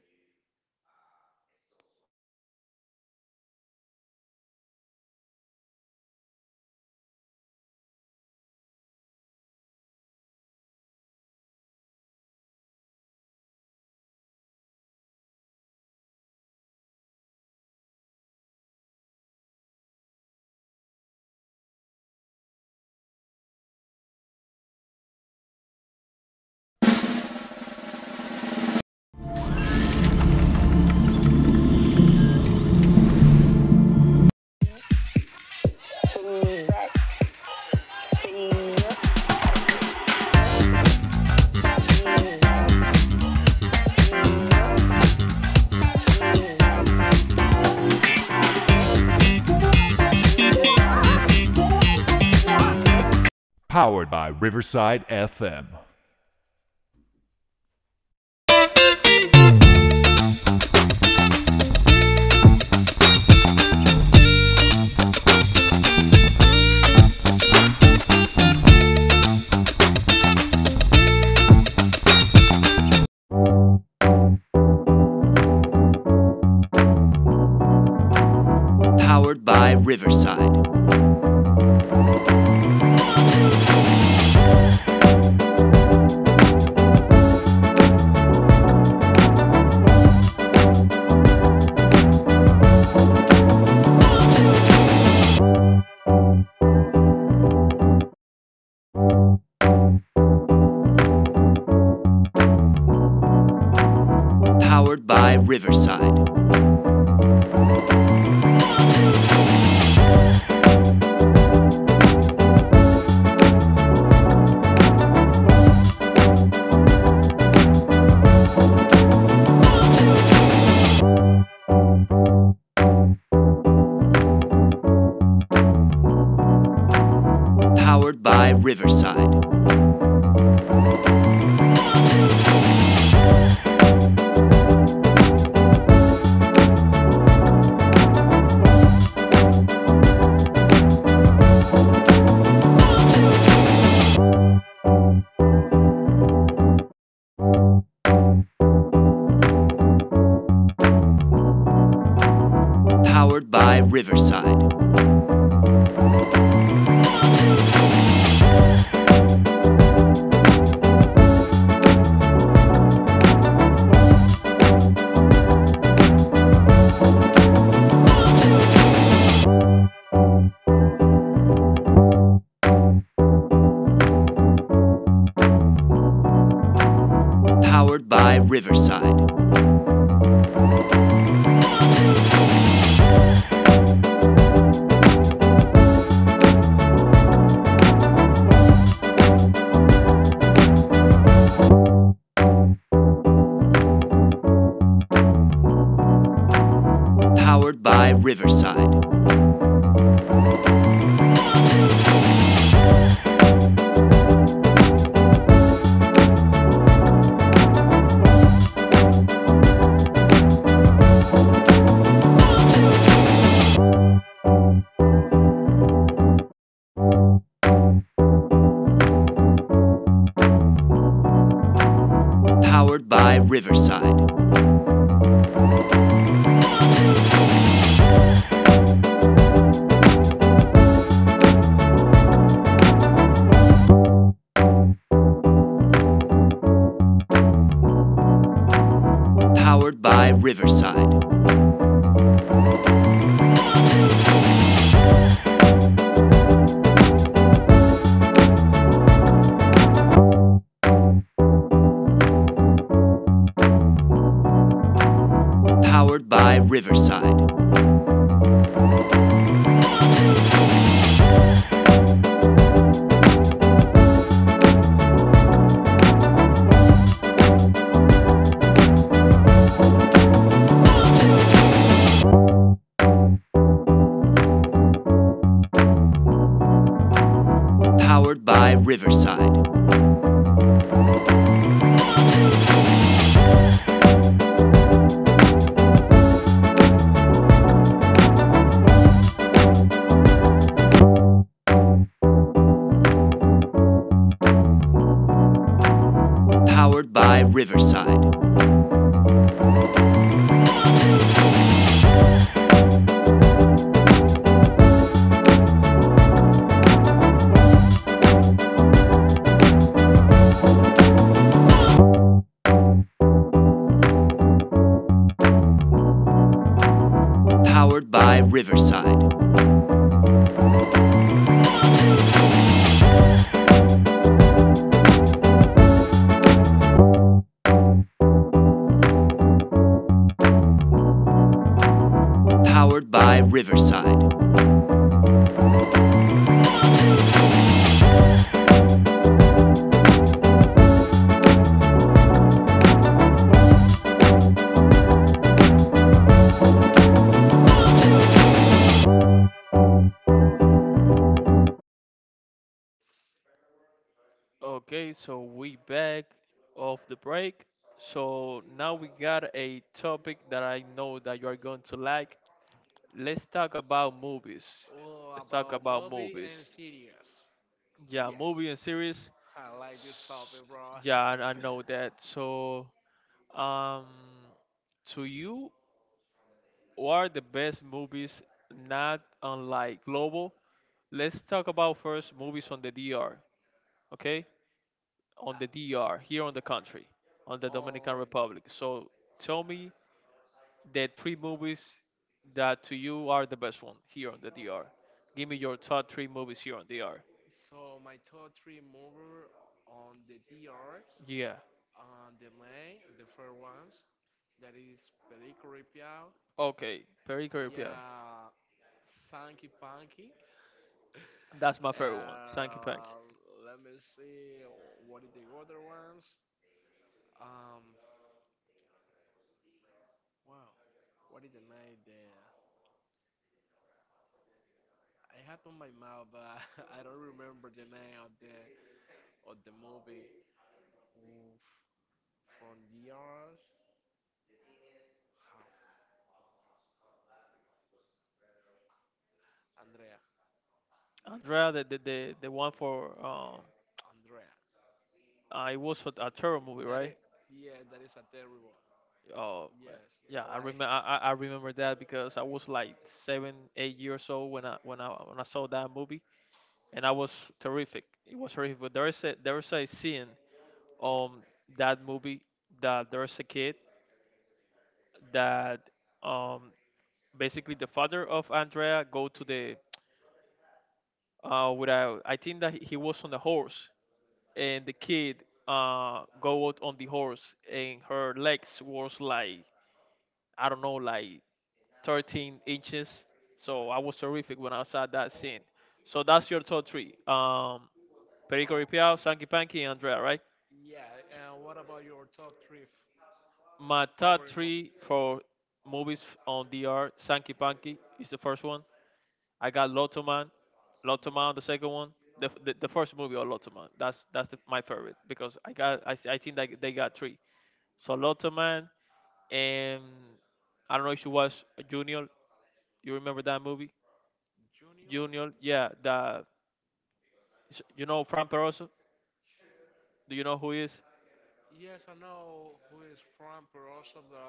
[SPEAKER 1] Okay, so we back off the break. So now we got a topic that I know that you are going to like. Let's talk about movies.
[SPEAKER 2] Oh,
[SPEAKER 1] Let's talk
[SPEAKER 2] about
[SPEAKER 1] about
[SPEAKER 2] movie
[SPEAKER 1] movies.
[SPEAKER 2] and series.
[SPEAKER 1] Yeah,
[SPEAKER 2] Yes,
[SPEAKER 1] movie and series.
[SPEAKER 2] I like this
[SPEAKER 1] S-
[SPEAKER 2] topic, bro.
[SPEAKER 1] Yeah, I I know that. So, um, to you, what are the best movies not unlike global? Let's talk about first movies on the D R. Okay, on the D R, here on the country, on
[SPEAKER 2] Uh,
[SPEAKER 1] the Dominican
[SPEAKER 2] um,
[SPEAKER 1] Republic. So tell me the three movies that to you are the best one here on the D R. Give me your top three movies here on D R.
[SPEAKER 2] so my top three movies on the D Rs,
[SPEAKER 1] Yeah.
[SPEAKER 2] on the main, the first ones, that is Perico Ripiao,
[SPEAKER 1] Okay. Perry Caribbean.
[SPEAKER 2] yeah, Sanky Panky.
[SPEAKER 1] That's my favorite one. Sankey Pank.
[SPEAKER 2] Uh, Let me see. What is the other ones? Um, wow. What is the name there? I had on my mouth, but I don't remember the name of the of the movie. Oof. From the earth. How? Andrea.
[SPEAKER 1] Andrea, the the, the, the one for um,
[SPEAKER 2] Andrea.
[SPEAKER 1] uh, it was for a terror movie,
[SPEAKER 2] That
[SPEAKER 1] right?
[SPEAKER 2] is. Yeah, that is a terrible.
[SPEAKER 1] Oh, man.
[SPEAKER 2] Yes.
[SPEAKER 1] Yeah. I
[SPEAKER 2] Like.
[SPEAKER 1] remember. I, I I remember that because I was like seven, eight years old when I when I when I saw that movie. And I was terrific. It was horrific. But there is a there is a scene on that movie that there's a kid that um basically the father of Andrea go to the uh with a, I think that he was on a horse, and the kid uh go out on the horse and her legs was like I don't know like thirteen inches. So I was terrific when I saw that scene. So that's your top three. Um, Perico
[SPEAKER 2] Oh.
[SPEAKER 1] Ripiao, Sanky Panky, and Andrea, right?
[SPEAKER 2] Yeah. Uh, what about your top three f-
[SPEAKER 1] My top
[SPEAKER 2] favorite movie?
[SPEAKER 1] three for movies on D R, Sankey Panky is the first one. I got Lotto Man, Lotto
[SPEAKER 2] Lot.
[SPEAKER 1] Man the second one. The, the, the first movie or Lotto Man. That's that's the, my favorite because I got I I think that they got three. So Lotto Man and I don't know if you watch Junior. You remember that movie?
[SPEAKER 2] Junior.
[SPEAKER 1] Junior, yeah. The you know Fran Peroso. Do you know who he is?
[SPEAKER 2] Yes, I know who is from, but also the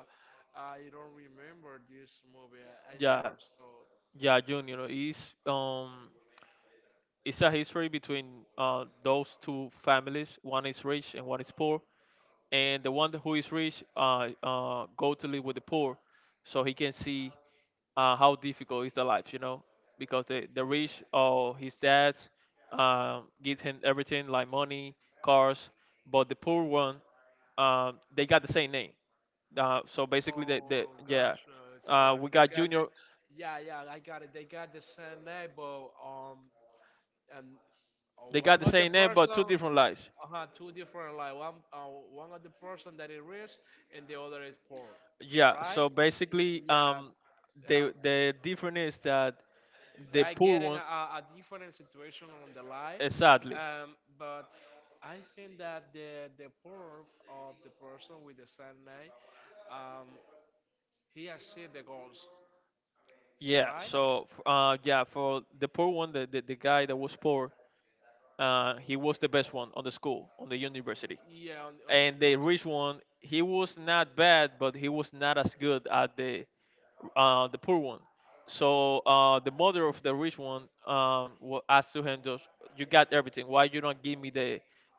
[SPEAKER 2] I don't remember this movie. I, I
[SPEAKER 1] Yeah,
[SPEAKER 2] never saw.
[SPEAKER 1] yeah. Junior. He's um it's a history between uh, those two families. One is rich and one is poor. And the one who is rich uh, uh, go to live with the poor, so he can see uh, how difficult is the life, you know, because the the rich, oh, his dad um give him everything like money, cars, but the poor one, um, they got the same name. Uh, so
[SPEAKER 2] It.
[SPEAKER 1] basically, the, the
[SPEAKER 2] Oh
[SPEAKER 1] yeah,
[SPEAKER 2] gosh, uh, so
[SPEAKER 1] uh, we
[SPEAKER 2] they
[SPEAKER 1] got
[SPEAKER 2] got the,
[SPEAKER 1] Junior.
[SPEAKER 2] yeah, yeah, I got it. They got the same name, but um, and uh,
[SPEAKER 1] They
[SPEAKER 2] one
[SPEAKER 1] got the
[SPEAKER 2] of the
[SPEAKER 1] same name, but two
[SPEAKER 2] person,
[SPEAKER 1] different lives.
[SPEAKER 2] uh two different like one, uh, one of the person that is rich and the other is poor,
[SPEAKER 1] Yeah,
[SPEAKER 2] right?
[SPEAKER 1] so basically,
[SPEAKER 2] Yeah,
[SPEAKER 1] um,
[SPEAKER 2] uh,
[SPEAKER 1] the the difference is that
[SPEAKER 2] they
[SPEAKER 1] the
[SPEAKER 2] are
[SPEAKER 1] poor
[SPEAKER 2] getting
[SPEAKER 1] one,
[SPEAKER 2] a, a different situation on the line,
[SPEAKER 1] exactly.
[SPEAKER 2] um, but I think that the the poor of the person with the same name, um, he achieved the goals,
[SPEAKER 1] Yeah,
[SPEAKER 2] right?
[SPEAKER 1] so f- uh, yeah, for the poor one, the, the, the guy that was poor, uh, he was the best one on the school, on the university.
[SPEAKER 2] Yeah, on, on the
[SPEAKER 1] And the
[SPEAKER 2] universe.
[SPEAKER 1] rich one, he was not bad, but he was not as good as the uh, the poor one. So uh, the mother of the rich one, um, wa- asked to him, just, you got everything, why you don't give me the,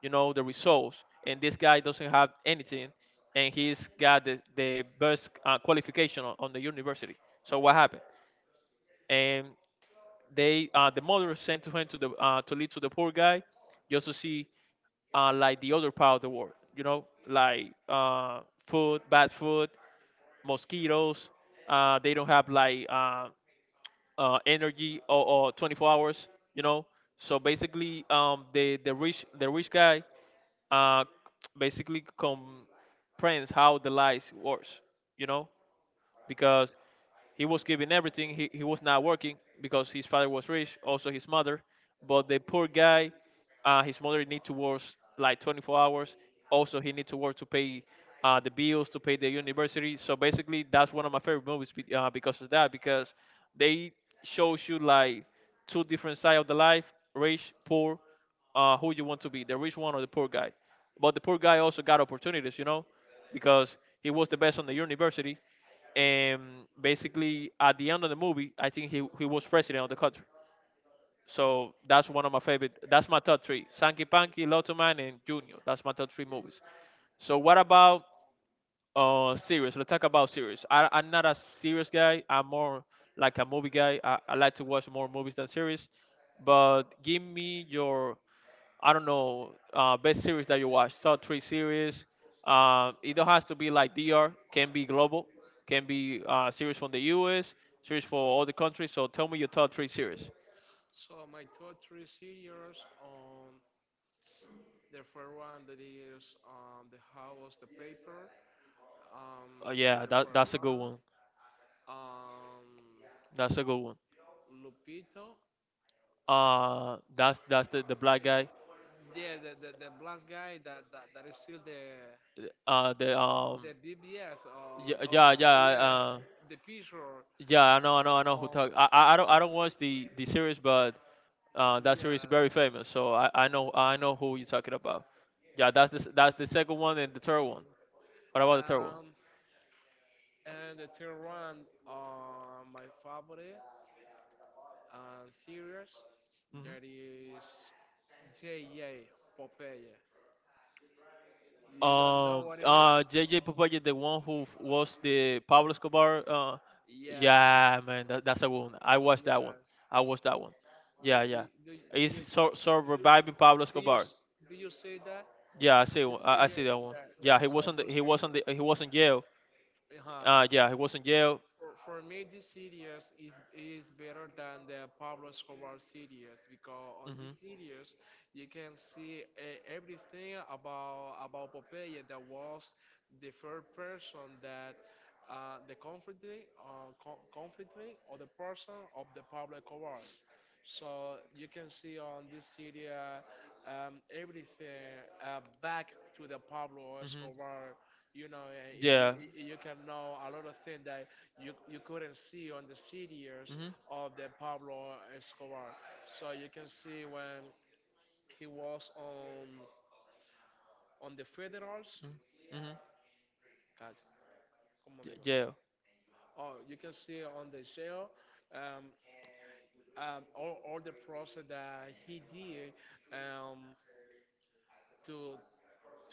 [SPEAKER 1] you know the results, and this guy doesn't have anything, and he's got the, the best uh, qualification on, on the university. So what happened? And they uh, the mother sent to him to the uh, to lead to the poor guy, just to see, uh, like the other part of the world. You know, like, uh, food, bad food, mosquitoes. Uh, they don't have, like, uh, uh, energy or, or twenty-four hours. You know, so basically, um, the the rich the rich guy uh, basically comprehends how the life works. You know, because he was giving everything. He, he was not working, because his father was rich, also his mother. But the poor guy, uh, his mother need to work like twenty-four hours. Also, he need to work to pay uh, the bills, to pay the university. So basically, that's one of my favorite movies be- uh, because of that, because they shows you, like, two different side of the life, rich, poor. Uh, who you want to be, the rich one or the poor guy? But the poor guy also got opportunities, you know, because he was the best on the university. And basically, at the end of the movie, I think he, he was president of the country. So that's one of my favorite. That's my top three: Sanky Panky, Lotto Man, and Junior. That's my top three movies. So what about uh, series. Let's talk about series. I, I'm not a serious guy. I'm more like a movie guy. I, I like to watch more movies than series. But give me your, I don't know, uh, best series that you watch. Top three series. Uh, it don't has to be like D R. Can be global. Can be uh, series from the U S. Series for all the countries. So tell me your top three series.
[SPEAKER 2] So my top three series, um, the first one that is um, the how was the paper,
[SPEAKER 1] Uh,
[SPEAKER 2] um, that is
[SPEAKER 1] yeah,
[SPEAKER 2] the
[SPEAKER 1] that
[SPEAKER 2] first
[SPEAKER 1] that's a good
[SPEAKER 2] one.
[SPEAKER 1] one.
[SPEAKER 2] Um,
[SPEAKER 1] That's a good one.
[SPEAKER 2] Lupito,
[SPEAKER 1] Uh, that's that's the, the black guy.
[SPEAKER 2] yeah, the, the, the black guy that, that, that is still the
[SPEAKER 1] Uh, the
[SPEAKER 2] the
[SPEAKER 1] um
[SPEAKER 2] B B S, or,
[SPEAKER 1] Yeah,
[SPEAKER 2] or,
[SPEAKER 1] yeah,
[SPEAKER 2] or
[SPEAKER 1] yeah.
[SPEAKER 2] yeah,
[SPEAKER 1] Uh,
[SPEAKER 2] the picture
[SPEAKER 1] yeah, I know, I know, I know who
[SPEAKER 2] of
[SPEAKER 1] talk. I, I, I don't, I don't watch the the series, but uh, that series
[SPEAKER 2] yeah,
[SPEAKER 1] is very famous. So I, I know, I know who you're talking about. Yeah, that's the s- that's the second one and the third one. What about the third one?
[SPEAKER 2] um, and the third one, uh, my favorite uh, series
[SPEAKER 1] Hmm
[SPEAKER 2] that is J A. Popeye. You don't know
[SPEAKER 1] Um,
[SPEAKER 2] what it is?
[SPEAKER 1] uh, J JJ Papagia, the one who f- was the Pablo Escobar. Uh,
[SPEAKER 2] Yeah,
[SPEAKER 1] yeah, man, that, that's a good one. I watched that one.
[SPEAKER 2] yes.
[SPEAKER 1] I watched that one.
[SPEAKER 2] Do,
[SPEAKER 1] Yeah, yeah.
[SPEAKER 2] do, do, do
[SPEAKER 1] It's
[SPEAKER 2] you
[SPEAKER 1] so so reviving Pablo
[SPEAKER 2] do you
[SPEAKER 1] Escobar.
[SPEAKER 2] do you say that
[SPEAKER 1] Yeah, I see.
[SPEAKER 2] this
[SPEAKER 1] one- I, I see
[SPEAKER 2] series
[SPEAKER 1] that one.
[SPEAKER 2] that,
[SPEAKER 1] Yeah,
[SPEAKER 2] that
[SPEAKER 1] he
[SPEAKER 2] is a
[SPEAKER 1] was on the.
[SPEAKER 2] good
[SPEAKER 1] He was on
[SPEAKER 2] series?
[SPEAKER 1] the. he was in jail.
[SPEAKER 2] Uh-huh.
[SPEAKER 1] Uh, yeah, he was in jail.
[SPEAKER 2] For, for me, this series is is better than the Pablo Escobar series because
[SPEAKER 1] Hmm,
[SPEAKER 2] on
[SPEAKER 1] hmm,
[SPEAKER 2] this series you can see uh, everything about about Popeye that was the first person that, uh, the conflict, uh, co- conflict or the person of the Pablo Escobar. So you can see on this area, um, everything uh, back to the Pablo Escobar. You know, uh, you,
[SPEAKER 1] yeah.
[SPEAKER 2] you eh, eh, you can know a lot of things that you, you couldn't see on the C Ds
[SPEAKER 1] Hmm,
[SPEAKER 2] of the Pablo Escobar. So you can see when he was on on the federals.
[SPEAKER 1] hmm,
[SPEAKER 2] God, como
[SPEAKER 1] yeah,
[SPEAKER 2] digo?
[SPEAKER 1] yeah.
[SPEAKER 2] Oh, you can see on the jail, um, um, all, all the process that he did, um, to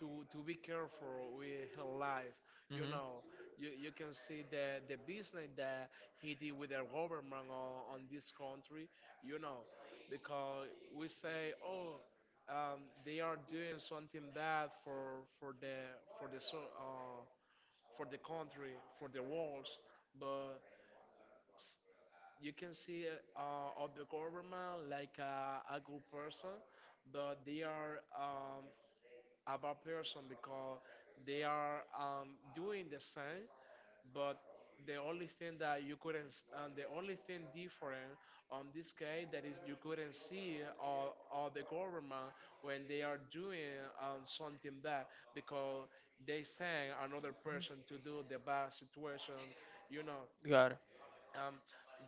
[SPEAKER 2] to to be careful with her life.
[SPEAKER 1] Hmm.
[SPEAKER 2] You
[SPEAKER 1] You,
[SPEAKER 2] know, you, you can see the the business that he did with the government on, on this country. You know, because we say, oh, um, they are doing something bad for for the for the so uh, for the country, for the world, but s- you can see, uh, of the government like a, a good person, but they are, um, about person because they are, um, doing the same, but the only thing that you couldn't, s- and the only thing different on this case that is you couldn't see, or, or the government when they are doing, um, something bad because they send another person to do the bad situation, you know,
[SPEAKER 1] Got it.
[SPEAKER 2] um,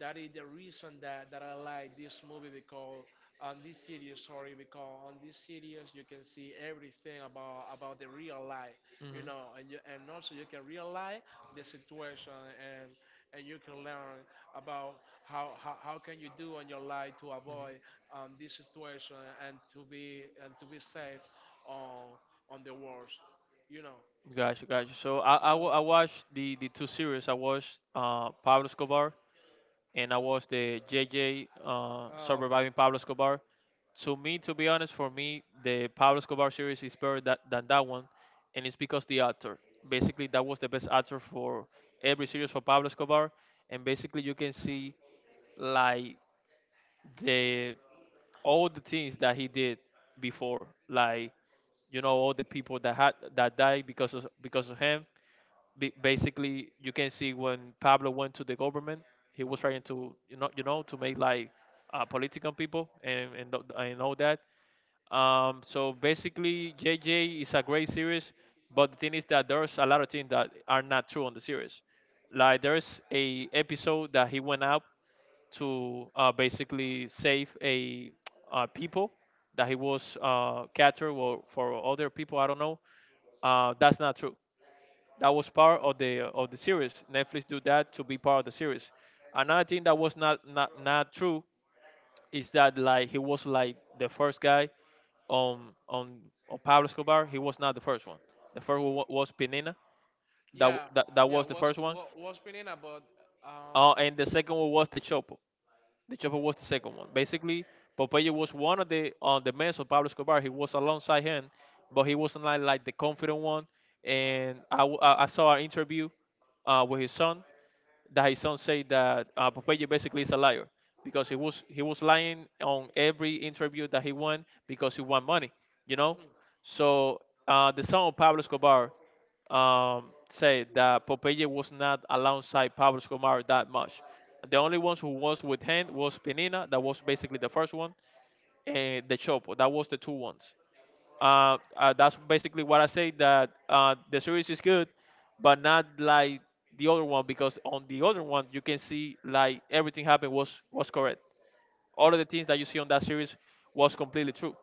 [SPEAKER 2] that is the reason that, that I like this movie because on this series, sorry, because on this series you can see everything about about the real life,
[SPEAKER 1] You
[SPEAKER 2] you
[SPEAKER 1] Hmm,
[SPEAKER 2] know, and you, and also you can realize the situation, and and you can learn about how, how, how can you do in your life to avoid,
[SPEAKER 1] hmm,
[SPEAKER 2] um, this situation and to be, and to be safe on on the world, you know.
[SPEAKER 1] gotcha, gotcha. So I, I, wa-
[SPEAKER 2] So,
[SPEAKER 1] I watched the, the two series. I watched uh, Pablo Escobar, and I watched the J J uh,
[SPEAKER 2] um,
[SPEAKER 1] Surviving Pablo Escobar. To me, to be honest, for me, the Pablo Escobar series is better that, than that one, and it's because the actor. Basically, that was the best actor for every series for Pablo Escobar, and basically you can see, like, the all the things that he did before, like, you know, all the people that had that died because of because of him. Ba- Basically, you can see when Pablo went to the government, he was trying to, you know you know to make, like, uh, political people, and and, th- and all that. Um, so basically, J J is a great series, but the thing is that there's a lot of things that are not true on the series. Like there's a episode that he went out to, uh, basically, save a uh, people that he was uh, captured, or for other people. I don't know. Uh, that's not true. That was part of the of the series. Netflix do that to be part of the series. Another thing that was not not, not true is that, like, he was, like, the first guy on on on Pablo Escobar. He was not the first one. The first one wa- was Pinina. That w-
[SPEAKER 2] yeah,
[SPEAKER 1] that, that was
[SPEAKER 2] yeah,
[SPEAKER 1] the first
[SPEAKER 2] was
[SPEAKER 1] one.
[SPEAKER 2] was was opinion about, um,
[SPEAKER 1] Uh, and the second one was the Chopo. The Chopper was the second one. Basically, Popeye was one of the on the mess of Pablo Escobar. He was alongside him, but he wasn't, like, like the confident one. And I, w- I- I saw an interview uh, with his son, that his son said that uh, Popeye basically is a liar, because he was he was lying on every interview that he won, because he won money, you know.
[SPEAKER 2] mhm.
[SPEAKER 1] So, uh, the son of Pablo Escobar, um, said that Popeye was not alongside Pablo Escobar that much. The only ones who was with him was Pinina, that was basically the first one, and the Chopo, that was the two ones. Uh, uh, that's basically what I say, that uh, the series is good, but not like the other one, because on the other one you can see, like, everything happened was was correct. All of the things that you see on that series was completely true.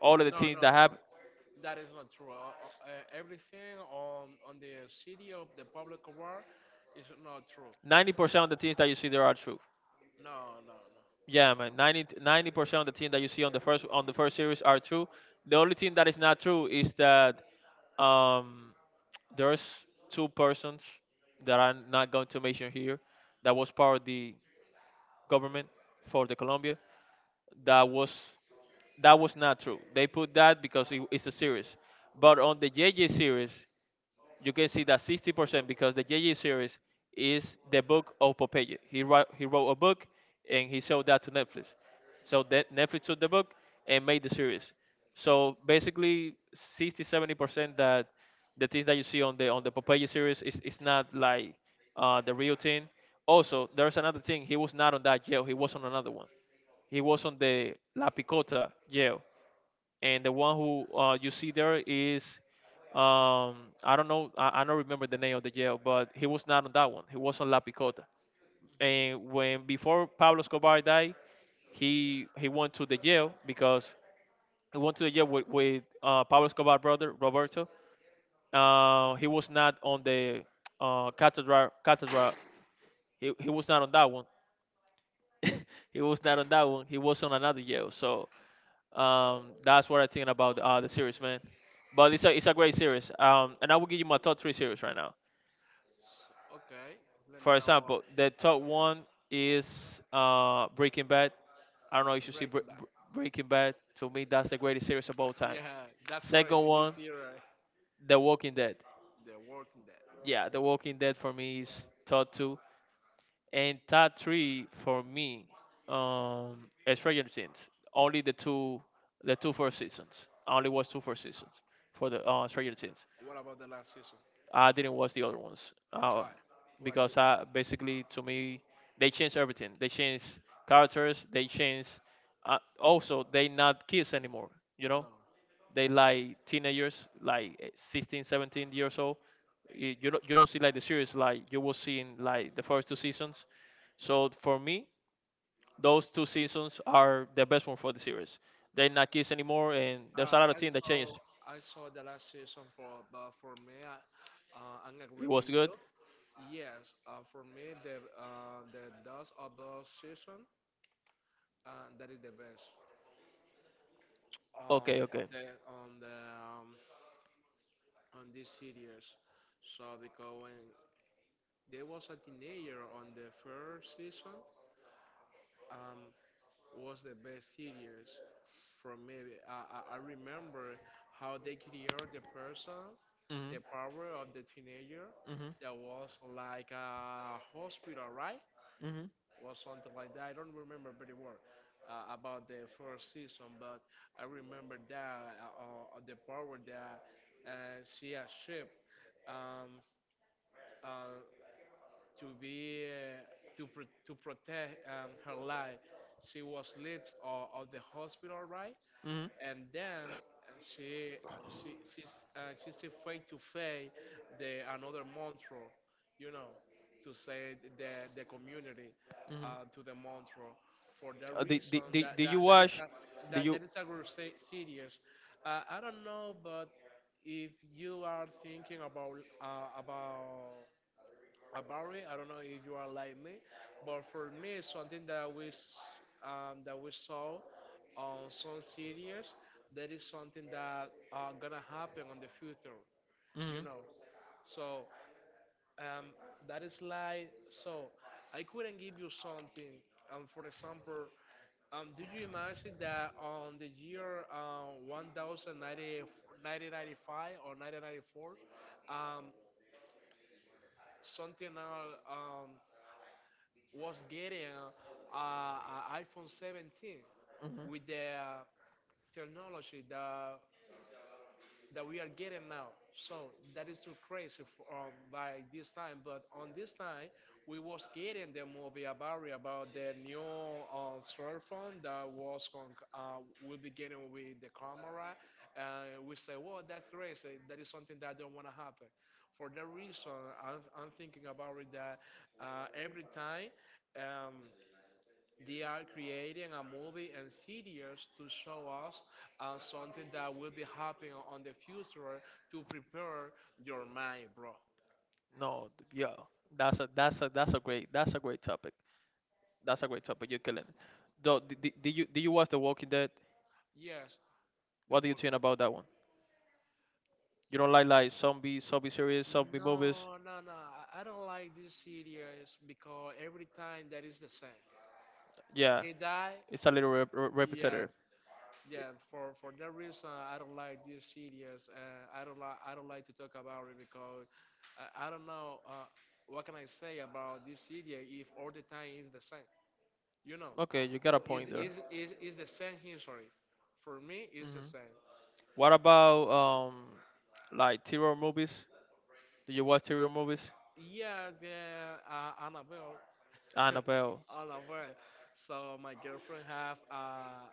[SPEAKER 1] All of the
[SPEAKER 2] No,
[SPEAKER 1] things that
[SPEAKER 2] no,
[SPEAKER 1] happen,
[SPEAKER 2] no. That is not true. Uh, uh, uh, everything on on the city of the public award is not true.
[SPEAKER 1] ninety percent of the things that you see there are true.
[SPEAKER 2] No, no, no,
[SPEAKER 1] Yeah,
[SPEAKER 2] no,
[SPEAKER 1] man.
[SPEAKER 2] no.
[SPEAKER 1] 90 percent of the team that you see
[SPEAKER 2] So,
[SPEAKER 1] on the first on the first
[SPEAKER 2] so-
[SPEAKER 1] series are true. The only thing that is not true is that, um, there's two persons that I'm not going to mention here, that was part of the government for the Colombia. That was that was not true. They put that because it, it's a series, but on the J J series, you can see that sixty percent, because the J J series is the book of Popeye. He wrote he wrote a book, and he showed that to Netflix. So that Netflix took the book and made the series. So basically sixty, seventy percent that the things that you see on the on the Popeye series is, is not like uh, the real thing. Also, there's another thing. He was not on that jail. He was on another one. He was on the La Picota jail, and the one who, uh, you see there is, um, I don't know, I, I don't remember the name of the jail, but he was not on that one. He was on La Picota. And when before Pablo Escobar died, he he went to the jail, because he went to the jail with, with uh, Pablo Escobar's brother Roberto. Uh, he was not on the uh, cathedral cathedral. He, he was not on that one. He was not on that one. He was on another jail. So, um, that's what I think about uh, the series, man. But it's a it's a great series. Um, and I will give you my top three series right now.
[SPEAKER 2] okay, let
[SPEAKER 1] For
[SPEAKER 2] me know. uh,
[SPEAKER 1] example, the top one is, uh, Breaking Bad. I don't know if you see
[SPEAKER 2] Break
[SPEAKER 1] Bre-
[SPEAKER 2] back.
[SPEAKER 1] Bre- Breaking Bad. To me, that's the greatest series of all time.
[SPEAKER 2] Yeah, that's
[SPEAKER 1] Second
[SPEAKER 2] crazy.
[SPEAKER 1] one,
[SPEAKER 2] This year, uh,
[SPEAKER 1] The Walking Dead.
[SPEAKER 2] they're working that.
[SPEAKER 1] Yeah, The Walking Dead for me is top two. And top three for me, um, is Stranger Things. Only the two, the two first seasons. I only watched two first seasons for the uh, Stranger Things.
[SPEAKER 2] What about the last season?
[SPEAKER 1] I didn't watch the other ones, uh,
[SPEAKER 2] Why? Why?
[SPEAKER 1] because
[SPEAKER 2] Do-
[SPEAKER 1] I basically, to me, they changed everything. They changed characters. They changed. Uh, also, they not kids anymore. You know,
[SPEAKER 2] no.
[SPEAKER 1] they like teenagers, like, eh, sixteen, seventeen years old. Y- You don't, you don't see like the series like you will see in, like, the first two seasons. So for me, those two seasons are the best one for the series. They're not kids anymore, and there's a
[SPEAKER 2] Uh,
[SPEAKER 1] lot of
[SPEAKER 2] I
[SPEAKER 1] things that
[SPEAKER 2] saw
[SPEAKER 1] changed.
[SPEAKER 2] I saw the last season for but for me I uh, I
[SPEAKER 1] It
[SPEAKER 2] agree
[SPEAKER 1] was
[SPEAKER 2] with
[SPEAKER 1] good.
[SPEAKER 2] you. Yes, uh, for me the, uh, the dust of the season, uh, that is the best,
[SPEAKER 1] Okay,
[SPEAKER 2] um,
[SPEAKER 1] okay.
[SPEAKER 2] on the on the um, on this series. So because when there was a teenager on the first season, um, was the best series for me. I, I I remember how they created the person,
[SPEAKER 1] Mhm,
[SPEAKER 2] the power of the teenager
[SPEAKER 1] mhm,
[SPEAKER 2] that was like a hospital, right?
[SPEAKER 1] mhm,
[SPEAKER 2] Or something like that. I don't remember very well, uh, about the first season, but I remember that, uh, uh, the power that uh, she achieved. Um, uh, to be, uh, to pro- to protect, um, her life. She was left of, of the hospital, right?
[SPEAKER 1] mhm,
[SPEAKER 2] And then, uh, she, uh, she she's uh, she's afraid to face the another mantra, you know, to say the the community,
[SPEAKER 1] mhm.
[SPEAKER 2] uh, to the mantra. For that
[SPEAKER 1] Uh, did, did,
[SPEAKER 2] reason,
[SPEAKER 1] did,
[SPEAKER 2] that
[SPEAKER 1] did you
[SPEAKER 2] that, that is
[SPEAKER 1] watch?
[SPEAKER 2] a
[SPEAKER 1] Did
[SPEAKER 2] that,
[SPEAKER 1] you?
[SPEAKER 2] that is a group se- serious. Uh, I don't know, but if you are thinking about uh, about about it. I don't know if you are like me, but for me, it's something that we s- um, that we saw on some series. That is something that, uh, gonna happen on the future, you
[SPEAKER 1] Mhm,
[SPEAKER 2] know. So, um, that is like so. I couldn't give you something. Um, for example, um, did you imagine that on the year, uh, nineteen ninety-five or nineteen ninety-four, um, something else was getting a, a a iPhone seventeen
[SPEAKER 1] mhm.
[SPEAKER 2] with the, uh, technology that that we are getting now. So that is too crazy for, um, by this time. But on this time, we was getting the movie about about the new, uh, cell phone that was con- uh, will be getting with the camera. And we say, well, that's crazy. That is something that don't want to happen. For that reason, I'm, I'm thinking about it that, uh, every time. Um, they are creating a movie and series to show us, uh, something that will be happening on the future to prepare your mind, bro.
[SPEAKER 1] No, th- yeah, that's a that's a that's a great that's a great topic. That's a great topic. You're killing it. Though, did, did, did you did you watch The Walking Dead?
[SPEAKER 2] Yes, the
[SPEAKER 1] What do you
[SPEAKER 2] world.
[SPEAKER 1] think about that one? You don't like like zombie zombie series, zombie movies?
[SPEAKER 2] No, no, no. I I don't like this series because every time that is the same.
[SPEAKER 1] Yeah,
[SPEAKER 2] He died.
[SPEAKER 1] it's a little rep- repetitive.
[SPEAKER 2] Yeah. Yeah, for for that reason, I don't like these series. Uh, I don't like I don't like to talk about it because I, I don't know, uh, what can I say about this series if all the time is the same. You know,
[SPEAKER 1] Okay, you got a
[SPEAKER 2] is
[SPEAKER 1] point there.
[SPEAKER 2] is is is the same history. For me, it's the
[SPEAKER 1] Hmm.
[SPEAKER 2] same.
[SPEAKER 1] What about, um, like, terror movies? Do you watch terror movies?
[SPEAKER 2] Yeah, the, uh, Annabelle,
[SPEAKER 1] Annabelle.
[SPEAKER 2] Annabelle. So my girlfriend have, uh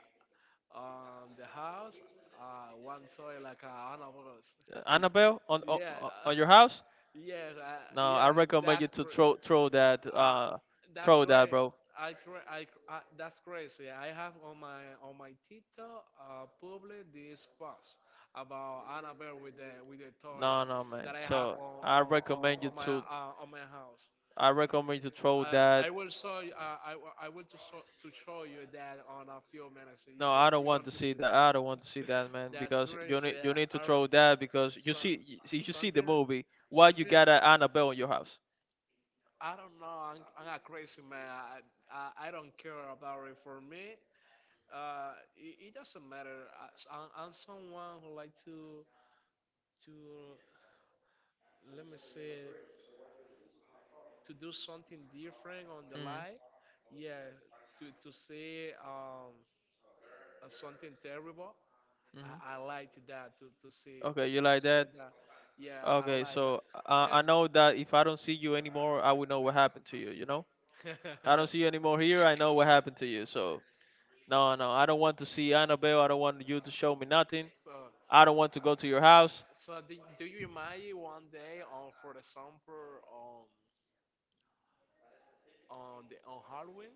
[SPEAKER 2] um the house, uh one toy like, uh, Annabelle's.
[SPEAKER 1] Uh, Annabelle on on,
[SPEAKER 2] Yeah,
[SPEAKER 1] on
[SPEAKER 2] uh,
[SPEAKER 1] on your house?
[SPEAKER 2] yes, uh,
[SPEAKER 1] No, I
[SPEAKER 2] yes,
[SPEAKER 1] recommend you
[SPEAKER 2] that's
[SPEAKER 1] to
[SPEAKER 2] cra-
[SPEAKER 1] throw throw that,
[SPEAKER 2] uh,
[SPEAKER 1] uh
[SPEAKER 2] that's
[SPEAKER 1] throw that,
[SPEAKER 2] great.
[SPEAKER 1] bro.
[SPEAKER 2] I, cra- I, cr- uh, That's crazy. I have on my on my TikTok, uh, public this post about Annabelle with the, with the
[SPEAKER 1] No,
[SPEAKER 2] toys
[SPEAKER 1] no, man.
[SPEAKER 2] that I have
[SPEAKER 1] So
[SPEAKER 2] on
[SPEAKER 1] I
[SPEAKER 2] on, on,
[SPEAKER 1] recommend you
[SPEAKER 2] on my
[SPEAKER 1] to
[SPEAKER 2] uh, on my house.
[SPEAKER 1] I recommend you to throw that.
[SPEAKER 2] I I will show you. uh, I, will- I will to show, to show you that on a few minutes.
[SPEAKER 1] No,
[SPEAKER 2] You go
[SPEAKER 1] I don't
[SPEAKER 2] you're
[SPEAKER 1] want to
[SPEAKER 2] going to
[SPEAKER 1] see
[SPEAKER 2] see.
[SPEAKER 1] that. I don't want to see that, man.
[SPEAKER 2] That's
[SPEAKER 1] Because you
[SPEAKER 2] crazy.
[SPEAKER 1] need you need to
[SPEAKER 2] Uh, or
[SPEAKER 1] throw that, because you
[SPEAKER 2] so,
[SPEAKER 1] see you see you see the
[SPEAKER 2] something
[SPEAKER 1] movie. Why you
[SPEAKER 2] something
[SPEAKER 1] got an Annabelle in your house?
[SPEAKER 2] I don't know. I'm, I'm a crazy man. I, I I don't care about it. For me, uh, it, it doesn't matter. I, I'm, I'm someone who like to to let me say to do something different on the
[SPEAKER 1] Mm-hmm.
[SPEAKER 2] life. Yeah, to to see, um uh, something terrible.
[SPEAKER 1] Mm-hmm.
[SPEAKER 2] I, I like to that to to see
[SPEAKER 1] Okay,
[SPEAKER 2] to
[SPEAKER 1] you like
[SPEAKER 2] see
[SPEAKER 1] that?
[SPEAKER 2] that. Yeah, I
[SPEAKER 1] Okay,
[SPEAKER 2] like that.
[SPEAKER 1] so I, I
[SPEAKER 2] And
[SPEAKER 1] know that if I don't see you anymore, I would know what happened to you, you know? I don't see you anymore here, I know what happened to you. So, no, no, I don't want to see Annabelle. I don't want you to show me nothing.
[SPEAKER 2] so.
[SPEAKER 1] I don't want to go to your house.
[SPEAKER 2] So, do, do you imagine one day, on for example, on on the on Halloween,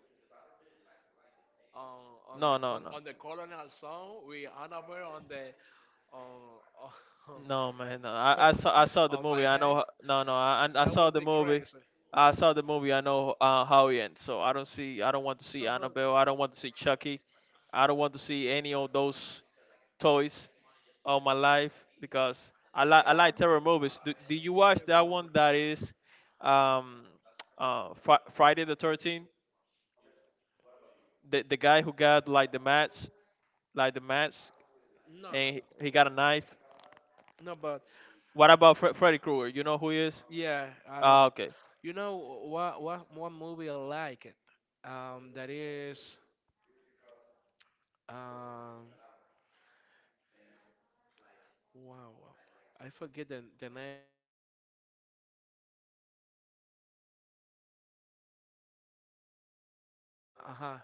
[SPEAKER 2] on on
[SPEAKER 1] No,
[SPEAKER 2] the
[SPEAKER 1] no,
[SPEAKER 2] on,
[SPEAKER 1] no.
[SPEAKER 2] on the colonial song with Annabelle on the on, on,
[SPEAKER 1] No man, no. I, I saw I saw the
[SPEAKER 2] on my
[SPEAKER 1] movie. I know. ho-
[SPEAKER 2] hands?
[SPEAKER 1] No, no. I I I
[SPEAKER 2] That
[SPEAKER 1] saw
[SPEAKER 2] would
[SPEAKER 1] the
[SPEAKER 2] be
[SPEAKER 1] movie.
[SPEAKER 2] crazy.
[SPEAKER 1] I saw the movie. I know uh, how it ends. So I don't see. I don't want to see
[SPEAKER 2] So but
[SPEAKER 1] Annabelle. I don't want to see Chucky. I don't want to see any of those toys all my life because I like I
[SPEAKER 2] Yeah,
[SPEAKER 1] like terror
[SPEAKER 2] but, uh,
[SPEAKER 1] movies. Do, do you
[SPEAKER 2] I
[SPEAKER 1] watch
[SPEAKER 2] can't
[SPEAKER 1] that one
[SPEAKER 2] remember.
[SPEAKER 1] that is um uh fr- Friday the thirteenth? The the guy who got like the mats, like the mats,
[SPEAKER 2] No,
[SPEAKER 1] and
[SPEAKER 2] no,
[SPEAKER 1] he,
[SPEAKER 2] no.
[SPEAKER 1] he got a knife.
[SPEAKER 2] No, but
[SPEAKER 1] What about Fre- Freddy Krueger? You know who he is?
[SPEAKER 2] yeah, I
[SPEAKER 1] Ah,
[SPEAKER 2] know.
[SPEAKER 1] okay,
[SPEAKER 2] You know what? What one movie I like it? Um, that is um. Wow, wow. I forget the the name. Uh huh.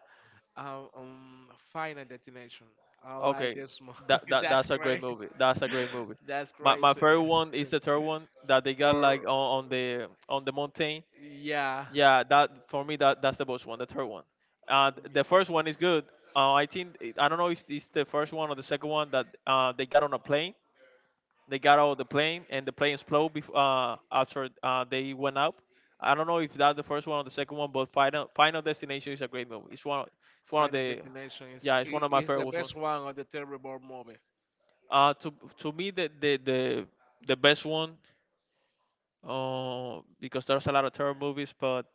[SPEAKER 2] Um, um, Final destination. I like
[SPEAKER 1] okay.
[SPEAKER 2] this one.
[SPEAKER 1] That, that
[SPEAKER 2] That's
[SPEAKER 1] that's a great
[SPEAKER 2] great.
[SPEAKER 1] movie. That's a great movie.
[SPEAKER 2] That's
[SPEAKER 1] My my
[SPEAKER 2] crazy.
[SPEAKER 1] favorite one is the third one that they got like
[SPEAKER 2] For
[SPEAKER 1] on, on the on the mountain.
[SPEAKER 2] yeah,
[SPEAKER 1] Yeah, that for me that that's the best one, the third one. Uh, th- the
[SPEAKER 2] y-
[SPEAKER 1] first one is good. Uh, I think it- I don't know if it's the first one or the second one that uh, they got on a plane. They got out of the plane and the plane exploded before uh, after uh, they went up. I don't know if that's the first one or the second one, but Final Final Destination is a great movie. It's one of- it's one of
[SPEAKER 2] Final
[SPEAKER 1] the
[SPEAKER 2] destination is
[SPEAKER 1] Yeah, it's one
[SPEAKER 2] i-
[SPEAKER 1] of my
[SPEAKER 2] is
[SPEAKER 1] favorite
[SPEAKER 2] the
[SPEAKER 1] ones.
[SPEAKER 2] best one of the terrible movie.
[SPEAKER 1] Uh, to to me, the the the, the best one, uh, because there's a lot of terror movies, but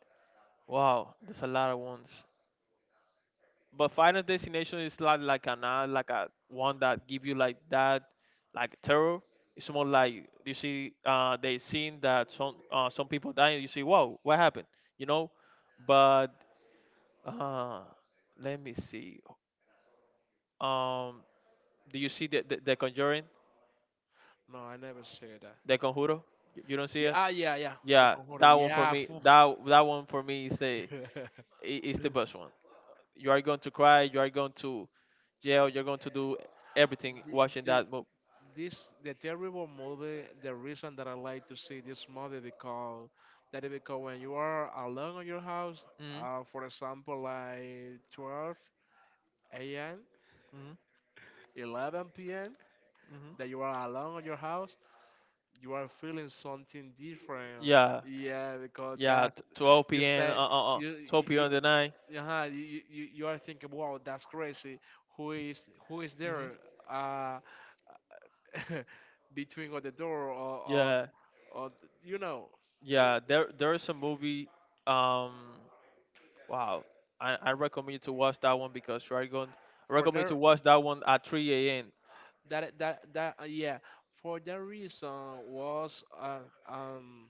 [SPEAKER 1] wow, there's a lot of ones. But Final Destination is not like an uh, like a one that give you like that, like terror. It's more like you see, uh, they seen that some uh, some people dying. You see, wow, what happened? You know, but uh, let me see. Um, do you see the the, the Conjuring,
[SPEAKER 2] No, I never see that.
[SPEAKER 1] the Conjuro? You you don't see
[SPEAKER 2] Yeah,
[SPEAKER 1] it?
[SPEAKER 2] ah, yeah, yeah. The
[SPEAKER 1] Yeah, that
[SPEAKER 2] Conjuring.
[SPEAKER 1] one for
[SPEAKER 2] Yeah.
[SPEAKER 1] me.
[SPEAKER 2] Phew.
[SPEAKER 1] That that one for me is the i- is the best one. You are going to cry. You are going to jail. You're going to do everything
[SPEAKER 2] the,
[SPEAKER 1] watching
[SPEAKER 2] the,
[SPEAKER 1] that movie.
[SPEAKER 2] this the terrible movie. The reason that I like to see this movie because that is because when you are alone in your house,
[SPEAKER 1] Mm-hmm.
[SPEAKER 2] uh, for example, like twelve a m,
[SPEAKER 1] Mm-hmm.
[SPEAKER 2] eleven p m,
[SPEAKER 1] Hmm.
[SPEAKER 2] that you are alone at your house, you are feeling something different.
[SPEAKER 1] Yeah,
[SPEAKER 2] Yeah, because
[SPEAKER 1] yeah.
[SPEAKER 2] that's
[SPEAKER 1] t-
[SPEAKER 2] you
[SPEAKER 1] twelve p m. Uh,
[SPEAKER 2] say
[SPEAKER 1] uh, uh.
[SPEAKER 2] you
[SPEAKER 1] 12
[SPEAKER 2] you
[SPEAKER 1] p.m. the night.
[SPEAKER 2] you, uh you, you you you are thinking, wow, that's crazy. Who is who is
[SPEAKER 1] Hmm.
[SPEAKER 2] there, uh, between or the door or or,
[SPEAKER 1] Yeah,
[SPEAKER 2] or you know w-
[SPEAKER 1] yeah. There there is a movie. Um, wow. I, I recommend you to watch that one because you are going. I
[SPEAKER 2] for
[SPEAKER 1] recommend you to
[SPEAKER 2] their
[SPEAKER 1] watch that one at three a m.
[SPEAKER 2] that that that uh, yeah. for that reason was uh, um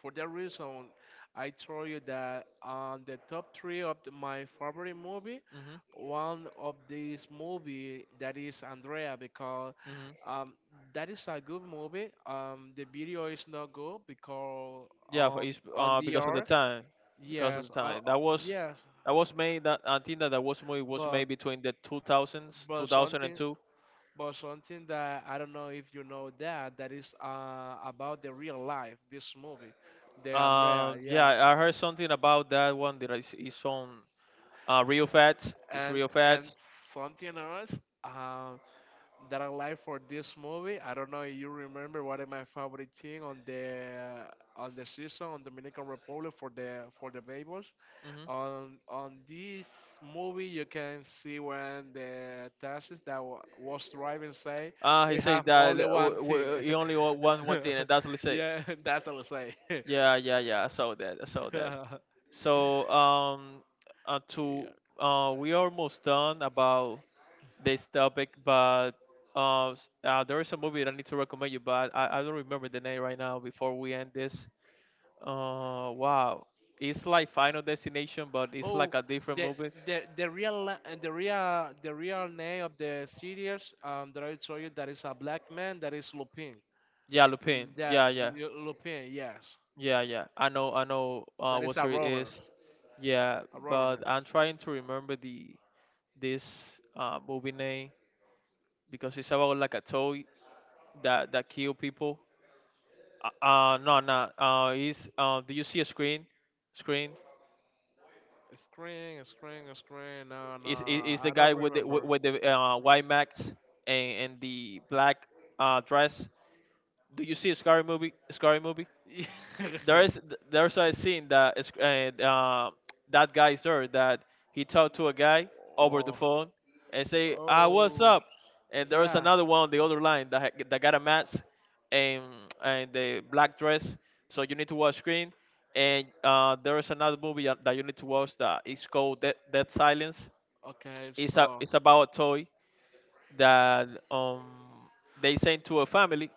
[SPEAKER 2] For that reason, I told you that on the top three of the- my favorite movie,
[SPEAKER 1] Mm-hmm.
[SPEAKER 2] one of these movie that is Andrea because
[SPEAKER 1] Mm-hmm.
[SPEAKER 2] um, that is a good movie. Um, the video is not good because
[SPEAKER 1] Yeah, for
[SPEAKER 2] um,
[SPEAKER 1] each,
[SPEAKER 2] on
[SPEAKER 1] uh,
[SPEAKER 2] the
[SPEAKER 1] because of the
[SPEAKER 2] R,
[SPEAKER 1] time, because of the
[SPEAKER 2] yes, uh, uh,
[SPEAKER 1] time that was
[SPEAKER 2] yes,
[SPEAKER 1] that was made. That I think that that was movie was
[SPEAKER 2] but
[SPEAKER 1] made between the two thousands,
[SPEAKER 2] but something.
[SPEAKER 1] two thousand two.
[SPEAKER 2] But something that I don't know if you know that that is uh, about the real life. This movie, the Andrea,
[SPEAKER 1] Um, yeah,
[SPEAKER 2] yeah.
[SPEAKER 1] I heard something about that one that is, is on uh, real facts. It's
[SPEAKER 2] and
[SPEAKER 1] real
[SPEAKER 2] and
[SPEAKER 1] facts.
[SPEAKER 2] something else, um, that I like for this movie. I don't know if you remember what is my favorite thing on the on the season on Dominican Republic for the for the babies.
[SPEAKER 1] Hmm.
[SPEAKER 2] On on this movie, you can see when the taxis that wa was driving say,
[SPEAKER 1] Uh, he
[SPEAKER 2] "We
[SPEAKER 1] says
[SPEAKER 2] have
[SPEAKER 1] that uh,
[SPEAKER 2] only
[SPEAKER 1] w-
[SPEAKER 2] one thing."
[SPEAKER 1] w- he only wa- want one thing, and that's what he say.
[SPEAKER 2] Yeah, that's all I say.
[SPEAKER 1] Yeah, yeah, yeah. I saw that. I saw that.
[SPEAKER 2] Yeah.
[SPEAKER 1] So, um, uh, to uh, we almost done about this topic, but uh, s- uh, there is a movie that I need to recommend you, but I, I don't remember the name right now. Before we end this, uh, wow, it's like Final Destination, but it's
[SPEAKER 2] Oh,
[SPEAKER 1] like a different
[SPEAKER 2] the
[SPEAKER 1] movie.
[SPEAKER 2] the the real la- and the real the real name of the series um that I told you that is a black man that is Lupin.
[SPEAKER 1] Yeah, Lupin.
[SPEAKER 2] That
[SPEAKER 1] Yeah, yeah,
[SPEAKER 2] Lupin, yes,
[SPEAKER 1] yeah, yeah. I know, I know uh,
[SPEAKER 2] that is
[SPEAKER 1] what
[SPEAKER 2] a
[SPEAKER 1] series it
[SPEAKER 2] robber,
[SPEAKER 1] is. Yeah,
[SPEAKER 2] a robber
[SPEAKER 1] but
[SPEAKER 2] man.
[SPEAKER 1] I'm trying to remember the this uh, movie name because it's about like a toy that that kill people. Uh, uh no, no. Uh, is uh, do you see a screen? Screen.
[SPEAKER 2] A screen, a screen, a screen. No, no,
[SPEAKER 1] Is is, is the
[SPEAKER 2] I don't
[SPEAKER 1] guy with the with
[SPEAKER 2] remember.
[SPEAKER 1] with the uh, white max and, and the black uh, dress? Do you see a scary movie? Scary movie? There is there's a scene that is and uh, that guy is there that he talked to a guy over the
[SPEAKER 2] Oh,
[SPEAKER 1] phone and say, "Ah, what's
[SPEAKER 2] oh,
[SPEAKER 1] up?" And there is
[SPEAKER 2] yeah.
[SPEAKER 1] another one on the other line that ha- that got a mask and and the black dress. So you need to watch screen. And uh, there is another movie that you need to watch that is called Dead, Dead Silence.
[SPEAKER 2] Okay,
[SPEAKER 1] It's a
[SPEAKER 2] so
[SPEAKER 1] it's about a toy that um they send to a family,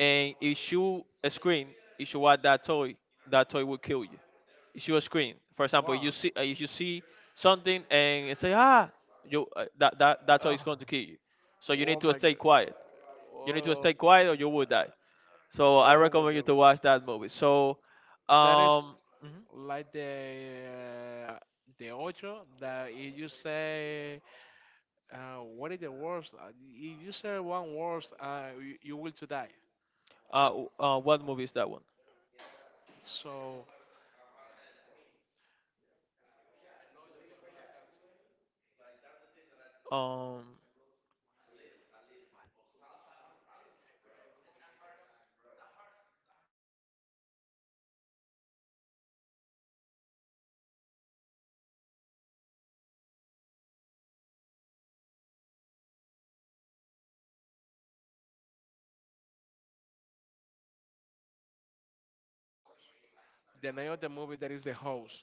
[SPEAKER 1] and if shoot a screen, if you want that toy, that toy will kill you. If you a screen, for example, you
[SPEAKER 2] wow.
[SPEAKER 1] see, uh, if you see something and you say ah, you uh, that that that toy is
[SPEAKER 2] Oh,
[SPEAKER 1] going to kill you. So you
[SPEAKER 2] oh
[SPEAKER 1] need to
[SPEAKER 2] my
[SPEAKER 1] stay
[SPEAKER 2] god.
[SPEAKER 1] quiet. You need to
[SPEAKER 2] Oh,
[SPEAKER 1] stay quiet or you will die. So I
[SPEAKER 2] oh my
[SPEAKER 1] recommend you
[SPEAKER 2] god.
[SPEAKER 1] to watch that movie. So,
[SPEAKER 2] That is
[SPEAKER 1] um, mhm.
[SPEAKER 2] like the uh, the ocho that if you say, uh, what is the worst? Uh, If you say one worst, uh, you, you will to die.
[SPEAKER 1] uh, w- uh, what movie is that one?
[SPEAKER 2] So
[SPEAKER 1] Um,
[SPEAKER 2] the name of the movie that is the host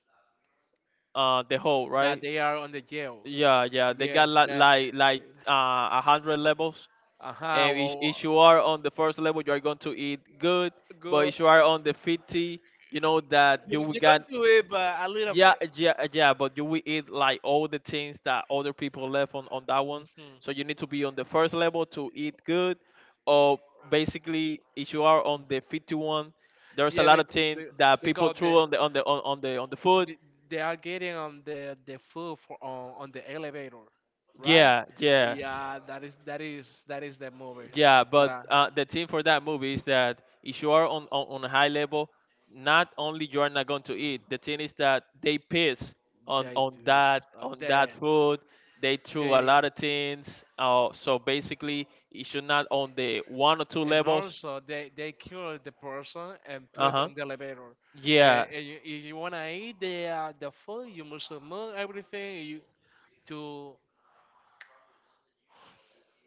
[SPEAKER 1] uh, The Hole,
[SPEAKER 2] that
[SPEAKER 1] right?
[SPEAKER 2] they are on the jail.
[SPEAKER 1] Yeah, yeah, they got
[SPEAKER 2] Yes,
[SPEAKER 1] like
[SPEAKER 2] that.
[SPEAKER 1] like like uh, a hundred levels,
[SPEAKER 2] Uh huh.
[SPEAKER 1] and if,
[SPEAKER 2] Oh,
[SPEAKER 1] if you are on the first level, you are going to eat good. But
[SPEAKER 2] good.
[SPEAKER 1] if you are on the fifty, you know that
[SPEAKER 2] You,
[SPEAKER 1] you will
[SPEAKER 2] you're going
[SPEAKER 1] get.
[SPEAKER 2] to it, but a little
[SPEAKER 1] Yeah,
[SPEAKER 2] bit.
[SPEAKER 1] yeah, yeah, but you will eat like all the things that other people left on on that one.
[SPEAKER 2] Mhm.
[SPEAKER 1] So you need to be on the first level to eat good, or basically if you are on the fifty one, there's a
[SPEAKER 2] Yeah,
[SPEAKER 1] lot
[SPEAKER 2] be,
[SPEAKER 1] of things
[SPEAKER 2] be,
[SPEAKER 1] that people
[SPEAKER 2] because the
[SPEAKER 1] threw on the on the on, on the on the food.
[SPEAKER 2] Th- they are getting on the the food for, on on the elevator, right?
[SPEAKER 1] Yeah, yeah,
[SPEAKER 2] Yeah, that is that is that is the movie
[SPEAKER 1] yeah,
[SPEAKER 2] that I
[SPEAKER 1] but uh, the thing for that movie is that if you are on, on, on a high level, not only you are not going to eat. The thing is that they piss on,
[SPEAKER 2] that it
[SPEAKER 1] on
[SPEAKER 2] is,
[SPEAKER 1] that
[SPEAKER 2] uh,
[SPEAKER 1] on
[SPEAKER 2] the
[SPEAKER 1] that food. They threw a
[SPEAKER 2] the
[SPEAKER 1] lot of things. Uh, so basically, it should not on the one or two
[SPEAKER 2] and
[SPEAKER 1] levels.
[SPEAKER 2] also they they kill the person and
[SPEAKER 1] Uh
[SPEAKER 2] put
[SPEAKER 1] huh.
[SPEAKER 2] on the elevator. And,
[SPEAKER 1] Yeah.
[SPEAKER 2] and you, if you wanna eat the uh, the food, you must move everything you, to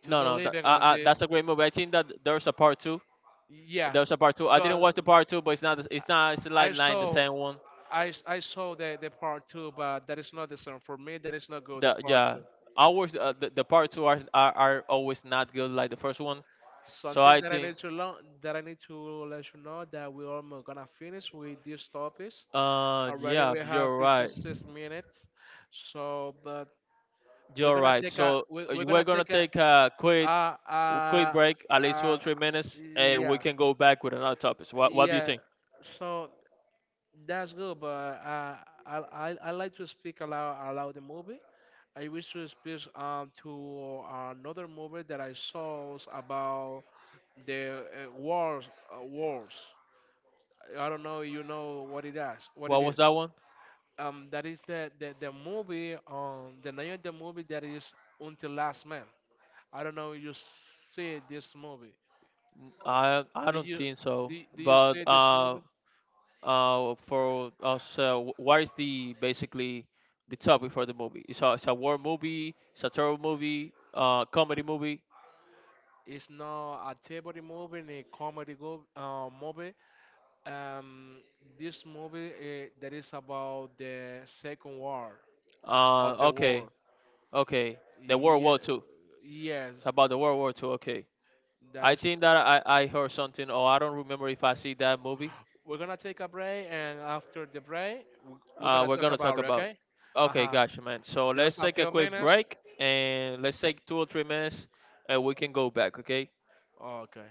[SPEAKER 2] to
[SPEAKER 1] No, no. That,
[SPEAKER 2] believing
[SPEAKER 1] uh,
[SPEAKER 2] on
[SPEAKER 1] uh, that's
[SPEAKER 2] this.
[SPEAKER 1] a great movie. I think that there's a part two.
[SPEAKER 2] Yeah,
[SPEAKER 1] There's a part two. I didn't
[SPEAKER 2] but
[SPEAKER 1] watch the part two, but it's not. It's not. It's
[SPEAKER 2] I
[SPEAKER 1] like like the
[SPEAKER 2] saw
[SPEAKER 1] same one.
[SPEAKER 2] I, s- I saw the, the part two, but that is not the same for me. That is not good. The
[SPEAKER 1] The
[SPEAKER 2] part
[SPEAKER 1] Yeah,
[SPEAKER 2] two.
[SPEAKER 1] ours, uh, the, the part two are, are are always not good like the first one, so
[SPEAKER 2] Something
[SPEAKER 1] I
[SPEAKER 2] that I
[SPEAKER 1] think.
[SPEAKER 2] need to learn that I need to let you know that we are mo- gonna finish with these topics.
[SPEAKER 1] Uh
[SPEAKER 2] Already
[SPEAKER 1] yeah,
[SPEAKER 2] we have
[SPEAKER 1] you're right.
[SPEAKER 2] fifty-six minutes, so but we're
[SPEAKER 1] You're
[SPEAKER 2] gonna
[SPEAKER 1] right
[SPEAKER 2] take a
[SPEAKER 1] so,
[SPEAKER 2] we,
[SPEAKER 1] uh,
[SPEAKER 2] we're
[SPEAKER 1] we're
[SPEAKER 2] gonna
[SPEAKER 1] gonna
[SPEAKER 2] take a
[SPEAKER 1] take a quick
[SPEAKER 2] uh
[SPEAKER 1] quick
[SPEAKER 2] uh
[SPEAKER 1] break, at least two or
[SPEAKER 2] uh
[SPEAKER 1] three minutes and we
[SPEAKER 2] yeah
[SPEAKER 1] can go back with another topic. So, what, what do you
[SPEAKER 2] yeah.
[SPEAKER 1] think?
[SPEAKER 2] So that's good, but uh, I, I I like to speak aloud about the movie. I wish to speak um to another movie that I saw was about the uh, wars uh, wars. I don't know if you know what it is what it
[SPEAKER 1] What was
[SPEAKER 2] is.
[SPEAKER 1] that one?
[SPEAKER 2] Um, that is the the, the movie um the name of the movie that is Until Last Man. I don't know if you see this movie.
[SPEAKER 1] I i
[SPEAKER 2] Do
[SPEAKER 1] don't
[SPEAKER 2] you
[SPEAKER 1] think so,
[SPEAKER 2] do, do you
[SPEAKER 1] but
[SPEAKER 2] see this
[SPEAKER 1] uh
[SPEAKER 2] movie?
[SPEAKER 1] uh for us, uh, wh- what is the basically the topic for the movie? It's a, it's a war movie? It's a terror movie? Uh comedy movie?
[SPEAKER 2] It's not a table movie, a comedy go, uh, movie. Um, this movie uh, that is about the Second War of
[SPEAKER 1] Uh,
[SPEAKER 2] the
[SPEAKER 1] okay,
[SPEAKER 2] world.
[SPEAKER 1] okay. The World
[SPEAKER 2] Yeah,
[SPEAKER 1] War Two.
[SPEAKER 2] yes,
[SPEAKER 1] It's about the World War Two. Okay.
[SPEAKER 2] that
[SPEAKER 1] I
[SPEAKER 2] is.
[SPEAKER 1] think that I, I heard something, or I don't remember if I see that movie.
[SPEAKER 2] We're gonna take a break, and after the break, we- we're
[SPEAKER 1] Uh,
[SPEAKER 2] gonna
[SPEAKER 1] we're
[SPEAKER 2] talk
[SPEAKER 1] gonna talk
[SPEAKER 2] about it.
[SPEAKER 1] about.
[SPEAKER 2] Okay? Uh
[SPEAKER 1] Okay,
[SPEAKER 2] huh.
[SPEAKER 1] gotcha, man. So
[SPEAKER 2] Just
[SPEAKER 1] let's
[SPEAKER 2] a
[SPEAKER 1] take a
[SPEAKER 2] few
[SPEAKER 1] quick
[SPEAKER 2] minutes.
[SPEAKER 1] break, and let's take two or three minutes, and we can go back. Okay.
[SPEAKER 2] Okay.